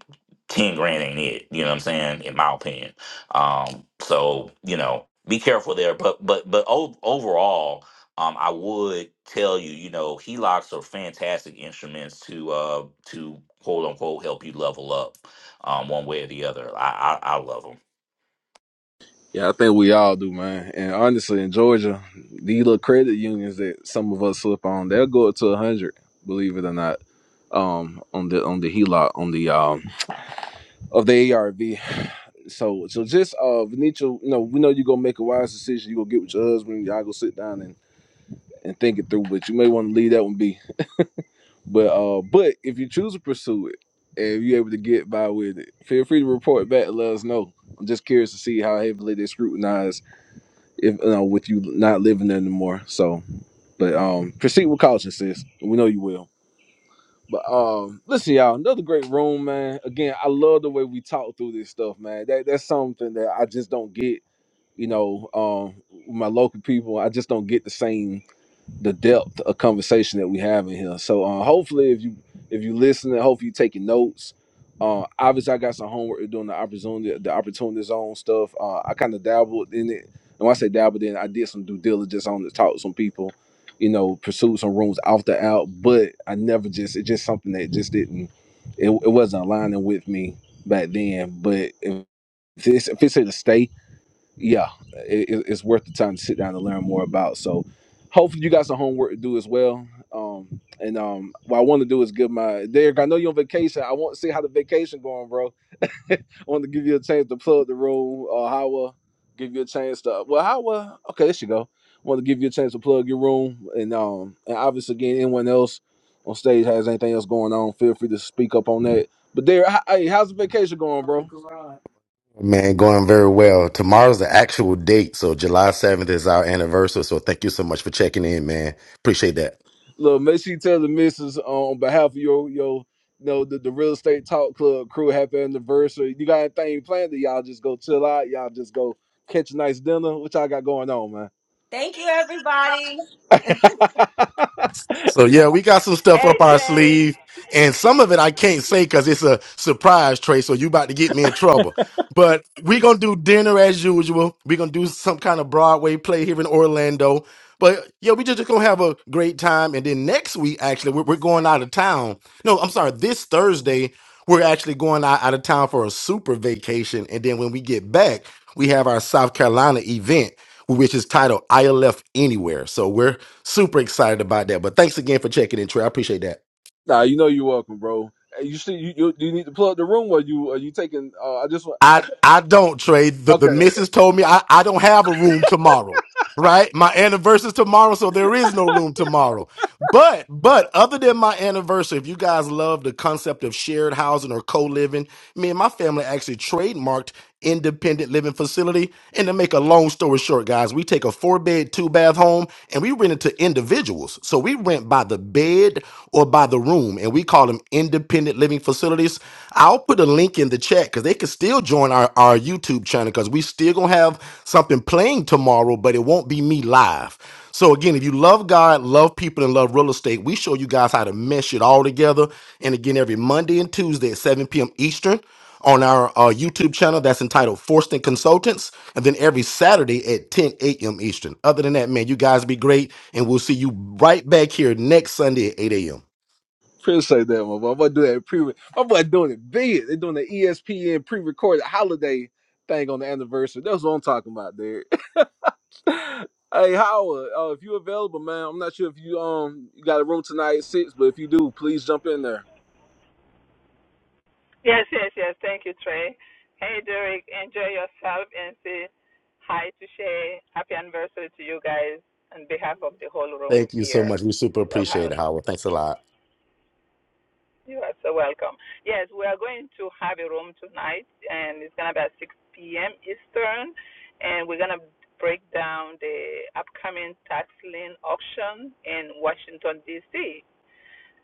S9: ten grand ain't it. You know what I'm saying? In my opinion. Um, so you know, be careful there. But but but o- overall, um, I would tell you, you know, HELOCs are fantastic instruments to uh, to quote unquote help you level up, um, one way or the other. I I, I love them.
S2: Yeah, I think we all do, man. And honestly, in Georgia, these little credit unions that some of us slip on, they'll go up to hundred, believe it or not, um, on the on the HELOC, on the um of the ARV. So, so just uh, Venetia, you know, we know you're gonna make a wise decision. You gonna get with your husband. Y'all go sit down and and think it through. But you may want to leave that one be. But uh, but if you choose to pursue it, and if you're able to get by with it, feel free to report back. and Let us know. I'm just curious to see how heavily they scrutinize if you know, with you not living there anymore. So, but um, proceed with caution, sis. We know you will. But um, listen, y'all, another great room, man. Again, I love the way we talk through this stuff, man. That that's something that I just don't get. You know, um, with my local people, I just don't get the same the depth of conversation that we have in here. So uh, hopefully, if you if you listening, hopefully you taking notes. Uh, obviously, I got some homework to do on the opportunity the opportunity zone stuff. Uh, I kind of dabbled in it, and when I say dabbled in, I did some due diligence on it, talked to some people, you know, pursued some rooms off the out, but I never just it's just something that just didn't it, it wasn't aligning with me back then. But if it's if it's here to stay, yeah, it, it- it's worth the time to sit down and learn more about. So, hopefully, you got some homework to do as well. Um, and um, what I want to do is give my Derek. I know you're on vacation. I want to see how the vacation going, bro. *laughs* I want to give you a chance to plug the room. Uh, Howa, give you a chance to. Well, Howa, okay, there you go. want to give you a chance to plug your room, and um, and obviously, again, anyone else on stage has anything else going on, feel free to speak up on that. But Derek, h- hey, how's the vacation going, bro?
S13: Man, going very well. Tomorrow's the actual date, so July 7th is our anniversary. So thank you so much for checking in, man. Appreciate that.
S2: Look, make sure you tell the missus uh, on behalf of your your you know the, the real estate talk club crew happy anniversary. You got anything planned that y'all just go chill out, y'all just go catch a nice dinner. What y'all got going on, man?
S13: So yeah, we got some stuff
S4: Hey,
S13: up our
S4: Shay.
S13: sleeve, and some of it I can't say because it's a surprise, Trey. So you about to get me in trouble. But we gonna do dinner as usual. we gonna do some kind of Broadway play here in Orlando. But yeah, we just, just gonna have a great time. And then next week, actually, we're, we're going out of town. No, I'm sorry, this Thursday we're actually going out, out of town for a super vacation. And then when we get back, we have our South Carolina event, which is titled "I Left Anywhere." So we're Super excited about that. But thanks again for checking in, Trey. I appreciate that.
S2: Nah, you know you're welcome, bro. Hey, you see, you, you you need to plug the room, or you are you taking? Uh, I just want. I,
S13: I
S2: c-
S13: I don't trade. The the
S2: okay, okay.
S13: missus told me I, I don't have a room tomorrow. Right? My anniversary's tomorrow, so there is no room tomorrow. But but other than my anniversary, if you guys love the concept of shared housing or co-living, me and my family actually trademarked independent living facility. And to make a long story short, guys, we take a four-bed, two-bath home and we rent it to individuals. So we rent by the bed or by the room, and we call them independent living facilities. I'll put a link in the chat because they can still join our, our YouTube channel because we still gonna have something playing tomorrow, but it won't be me live. So again, if you love God, love people, and love real estate, we show you guys how to mesh it all together. And again, every Monday and Tuesday at 7 p.m. Eastern on our uh, YouTube channel that's entitled Forston Consultants, and then every Saturday at 10 a.m. Eastern. Other than that, man, you guys be great, and we'll see you right back here next Sunday at 8 a.m.
S2: Appreciate that, my boy. I'm gonna do that pre. My boy doing it big. They're doing the ESPN pre-recorded holiday thing on the anniversary. That's what I'm talking about, dude. Hey Howard, uh, if you available, man, I'm not sure if you um you got a room tonight at six, but if you do, please jump in there.
S4: Yes, yes, yes. Thank you, Trey. Hey, Derek. Enjoy yourself and say hi to Shay. Happy anniversary to you guys on behalf of the whole room
S13: Thank you so
S4: here
S13: much. We
S4: in
S13: super appreciate
S4: Clubhouse.
S13: it, Howard. Thanks a lot.
S4: You are so welcome. Yes, we are going to have a room tonight, and it's going to be at 6 p.m. Eastern, and we're going to break down the upcoming tax lien auction in Washington, D.C.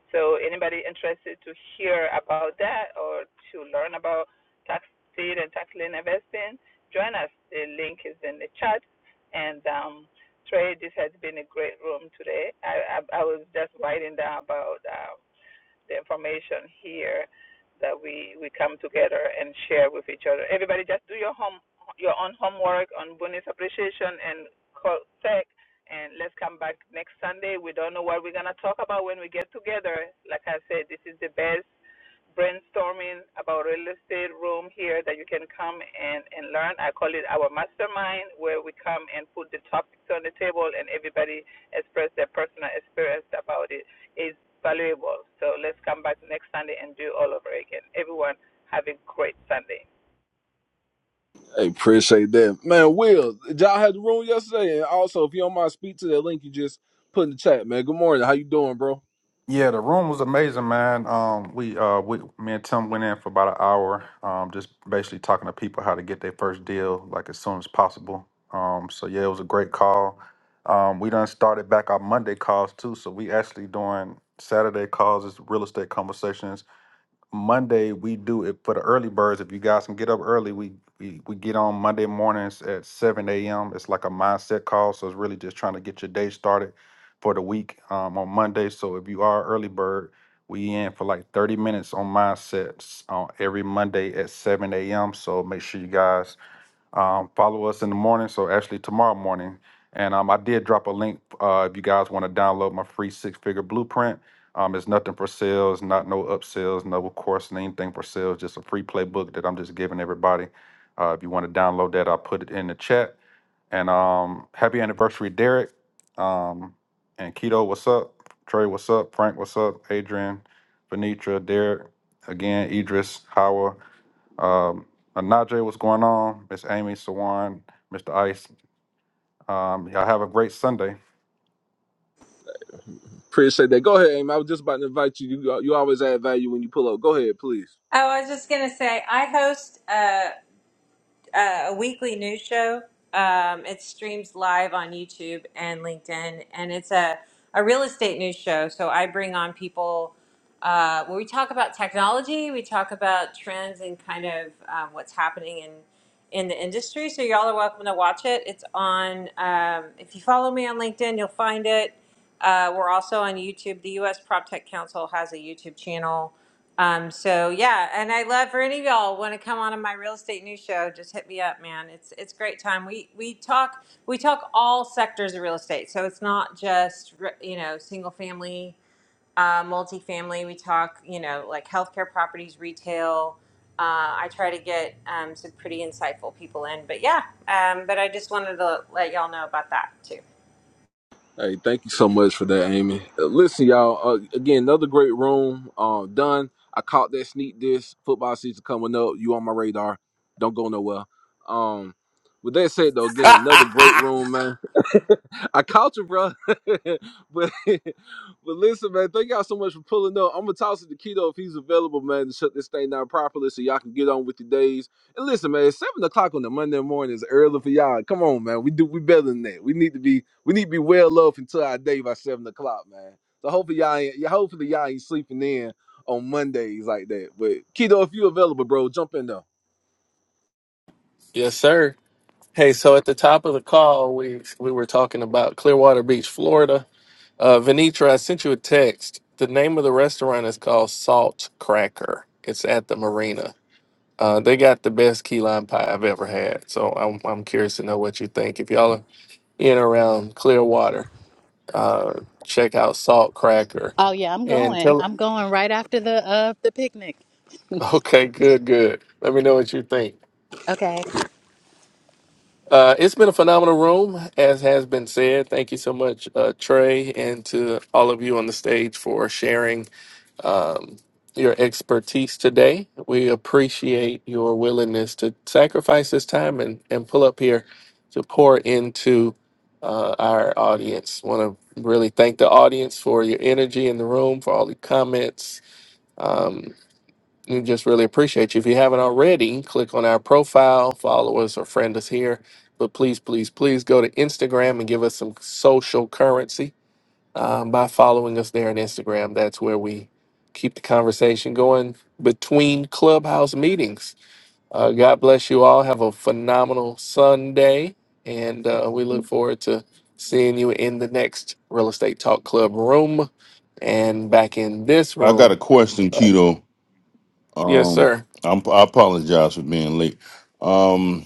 S4: So, anybody interested to hear about that or to learn about tax deed and tax lien investing, join us. The link is in the chat. And um, Trey, this has been a great room today. I, I, I was just writing down about. Uh, the information here that we we come together and share with each other. Everybody, just do your home your own homework on bonus appreciation and call tech. And let's come back next Sunday. We don't know what we're gonna talk about when we get together. Like I said, this is the best brainstorming about real estate room here that you can come and, and learn. I call it our mastermind, where we come and put the topics on the table and everybody express their personal experience about it is valuable. So let's come back next Sunday and do all over again. Everyone have a great Sunday.
S2: Hey, appreciate that, man. Will did y'all had the room yesterday, and also if you don't mind, speak to that link you just put in the chat, man. Good morning, how you doing, bro?
S14: Yeah, the room was amazing, man. Um, we uh, we me and Tim went in for about an hour, um, just basically talking to people how to get their first deal like as soon as possible. Um, so yeah, it was a great call. Um, we done started back our Monday calls too, so we actually doing Saturday calls is real estate conversations Monday we do it for the early birds. If you guys can get up early, we we, we get on Monday mornings at seven a.m. It's like a mindset call, so it's really just trying to get your day started for the week um, on Monday. So if you are an early bird, we in for like thirty minutes on mindsets on every Monday at seven a.m. So make sure you guys um, follow us in the morning. So actually tomorrow morning, and um, I did drop a link uh, if you guys want to download my free six figure blueprint. Um, it's nothing for sale. It's not no upsells, no course, and anything for sale. It's just a free playbook that I'm just giving everybody. Uh, if you want to download that, I'll put it in the chat. And um, happy anniversary, Derek. Um, and Keto, what's up? Trey, what's up? Frank, what's up? Adrian, Venetra, Derek, again, Idris, Howard. Um, uh, Najee, what's going on? Miss Amy, Sawan, Mr. Ice. Um, y'all have a great Sunday.
S2: Appreciate that. Go ahead, Aim. I was just about to invite you. You you always add value when you pull up. Go ahead, please.
S12: Oh, I was just going to say, I host. Uh, uh, a weekly news show. Um, it streams live on YouTube and LinkedIn, and it's a, a real estate news show. So I bring on people uh, where we talk about technology, we talk about trends, and kind of um, what's happening in in the industry. So y'all are welcome to watch it. It's on. Um, if you follow me on LinkedIn, you'll find it. Uh, we're also on YouTube. The U.S. PropTech Council has a YouTube channel um, so yeah, and I love for any of y'all want to come on to my real estate news show, just hit me up, man. It's it's great time. We we talk we talk all sectors of real estate, so it's not just re- you know single family, uh, multifamily. We talk you know like healthcare properties, retail. Uh, I try to get um, some pretty insightful people in, but yeah, um, but I just wanted to let y'all know about that too.
S2: Hey, thank you so much for that, Amy. Uh, listen, y'all. Uh, again, another great room. Uh, done. I caught that sneak this football season coming up. You on my radar. Don't go nowhere. Um, with that said, though, again, another great room, man. I caught you, bro. *laughs* but *laughs* but listen, man, thank y'all so much for pulling up. I'm gonna toss it to Keto if he's available, man, to shut this thing down properly so y'all can get on with your days. And listen, man, it's seven o'clock on the Monday morning is early for y'all. Come on, man. We do we better than that. We need to be we need to be well up until our day by seven o'clock, man. So hopefully y'all ain't yeah, hopefully y'all ain't sleeping in on Mondays like that. But Keto, if you available, bro, jump in though.
S1: Yes, sir. Hey, so at the top of the call, we we were talking about Clearwater Beach, Florida. Uh, Venitra, I sent you a text. The name of the restaurant is called Salt Cracker. It's at the marina. Uh, they got the best key lime pie I've ever had. So I'm I'm curious to know what you think. If y'all are in and around Clearwater, uh, check out Salt Cracker,
S3: oh yeah i'm
S1: and
S3: going
S1: tell. *laughs*
S3: i'm going right after the uh the picnic
S1: Okay, good, good. Let me know what you think.
S3: okay
S1: Uh, it's been a phenomenal room, as has been said. Thank you so much, uh, Trey, and to all of you on the stage for sharing um, your expertise today. We appreciate your willingness to sacrifice this time and, and pull up here to pour into uh, our audience. Want to really thank the audience for your energy in the room, for all the comments. um, we just really appreciate you. If you haven't already, click on our profile, follow us, or friend us here. But please, please, please go to Instagram and give us some social currency um, by following us there on Instagram. That's where we keep the conversation going between clubhouse meetings. Uh, God bless you all. Have a phenomenal Sunday. And uh, we look forward to seeing you in the next Real Estate Talk Club room and back in this
S15: I got
S1: room.
S15: a question, Keto.
S1: Yes,
S15: Um,
S1: sir.
S15: I'm, I apologize for being late. Um,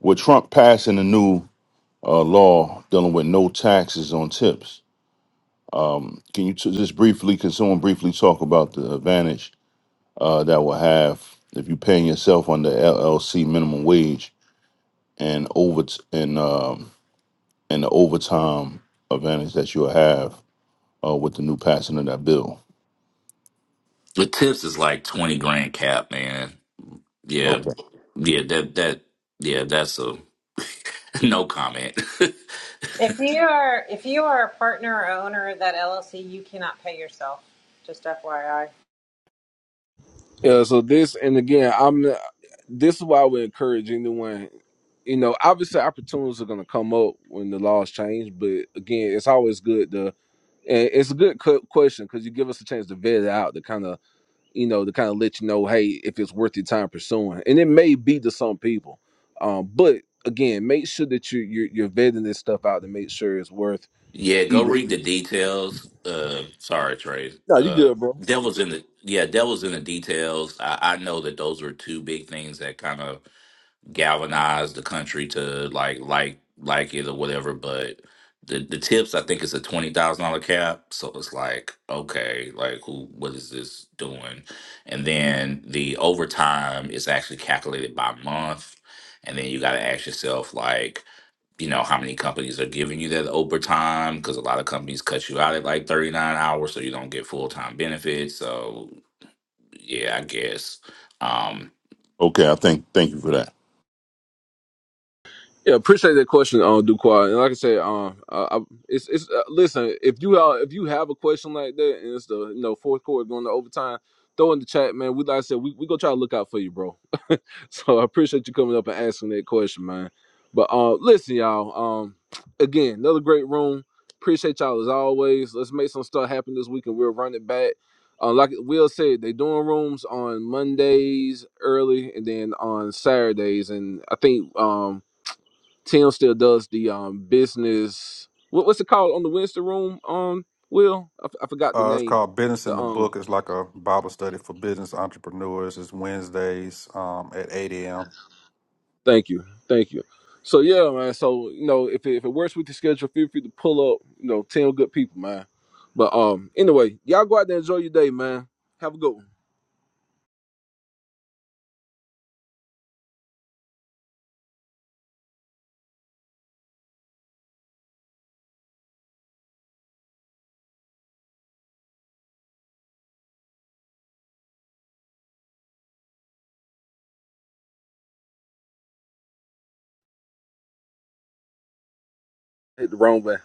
S15: with Trump passing a new uh, law dealing with no taxes on tips, can you t- just briefly, can someone briefly talk about the advantage uh, that will have if you're paying yourself under LLC minimum wage and over and um, and the overtime advantage that you'll have uh, with the new passing of that bill?
S9: The tips is like twenty grand cap, man. Yeah,
S15: Okay.
S9: yeah, that that yeah, that's a *laughs* no comment. *laughs*
S12: If you are if you are a partner or owner of that LLC, you cannot pay yourself. Just FYI.
S2: Yeah, so this and again, I'm this is why we encourage anyone. You know, obviously opportunities are going to come up when the laws change, but again, it's always good to and it's a good cu- question because you give us a chance to vet it out to kind of you know to kind of let you know, hey, if it's worth your time pursuing, and it may be to some people, um, but again, make sure that you you're, you're vetting this stuff out to make sure it's worth
S9: yeah, go
S2: even.
S9: read the details. Uh, sorry, Trey.
S2: No, you
S9: Uh,
S2: good, bro.
S9: devil's in the yeah, devil's in the details. I, I know that those were two big things that kind of galvanize the country to like like like it or whatever. But the the tips, I think it's a twenty thousand dollar cap. So it's like okay, like who what is this doing? And then the overtime is actually calculated by month, and then you got to ask yourself like. You know how many companies are giving you that overtime because a lot of companies cut you out at like 39 hours, so you don't get full time benefits. So, yeah, I guess. Um,
S15: Okay. I think. Thank you for that.
S2: Yeah, appreciate that question, um, Duquad. And like I said, um, I, I, it's it's uh, listen. If you uh, if you have a question like that, and it's the you know fourth quarter going to overtime, throw in the chat, man. We like I said, we we gonna try to look out for you, bro. *laughs* so I appreciate you coming up and asking that question, man. But uh, listen, y'all. Um, again, another great room. Appreciate y'all as always. Let's make some stuff happen this week, and we'll run it back. Uh, like Will said, they doing rooms on Mondays early, and then on Saturdays, and I think um Tim still does the um business. What, what's it called on the Winston Room? Um, Will I, f- I forgot the
S14: Uh, it's
S2: name.
S14: called Business in
S2: The
S14: the
S2: um,
S14: Book. It's like a Bible study for business entrepreneurs. It's Wednesdays um, at 8 a.m.
S2: thank you, thank you. So yeah, man. So you know, if it, if it works with your schedule, feel free to pull up. You know, Tim, good people, man. But um, anyway, y'all go out there and enjoy your day, man. Have a good one. Hit the wrong way.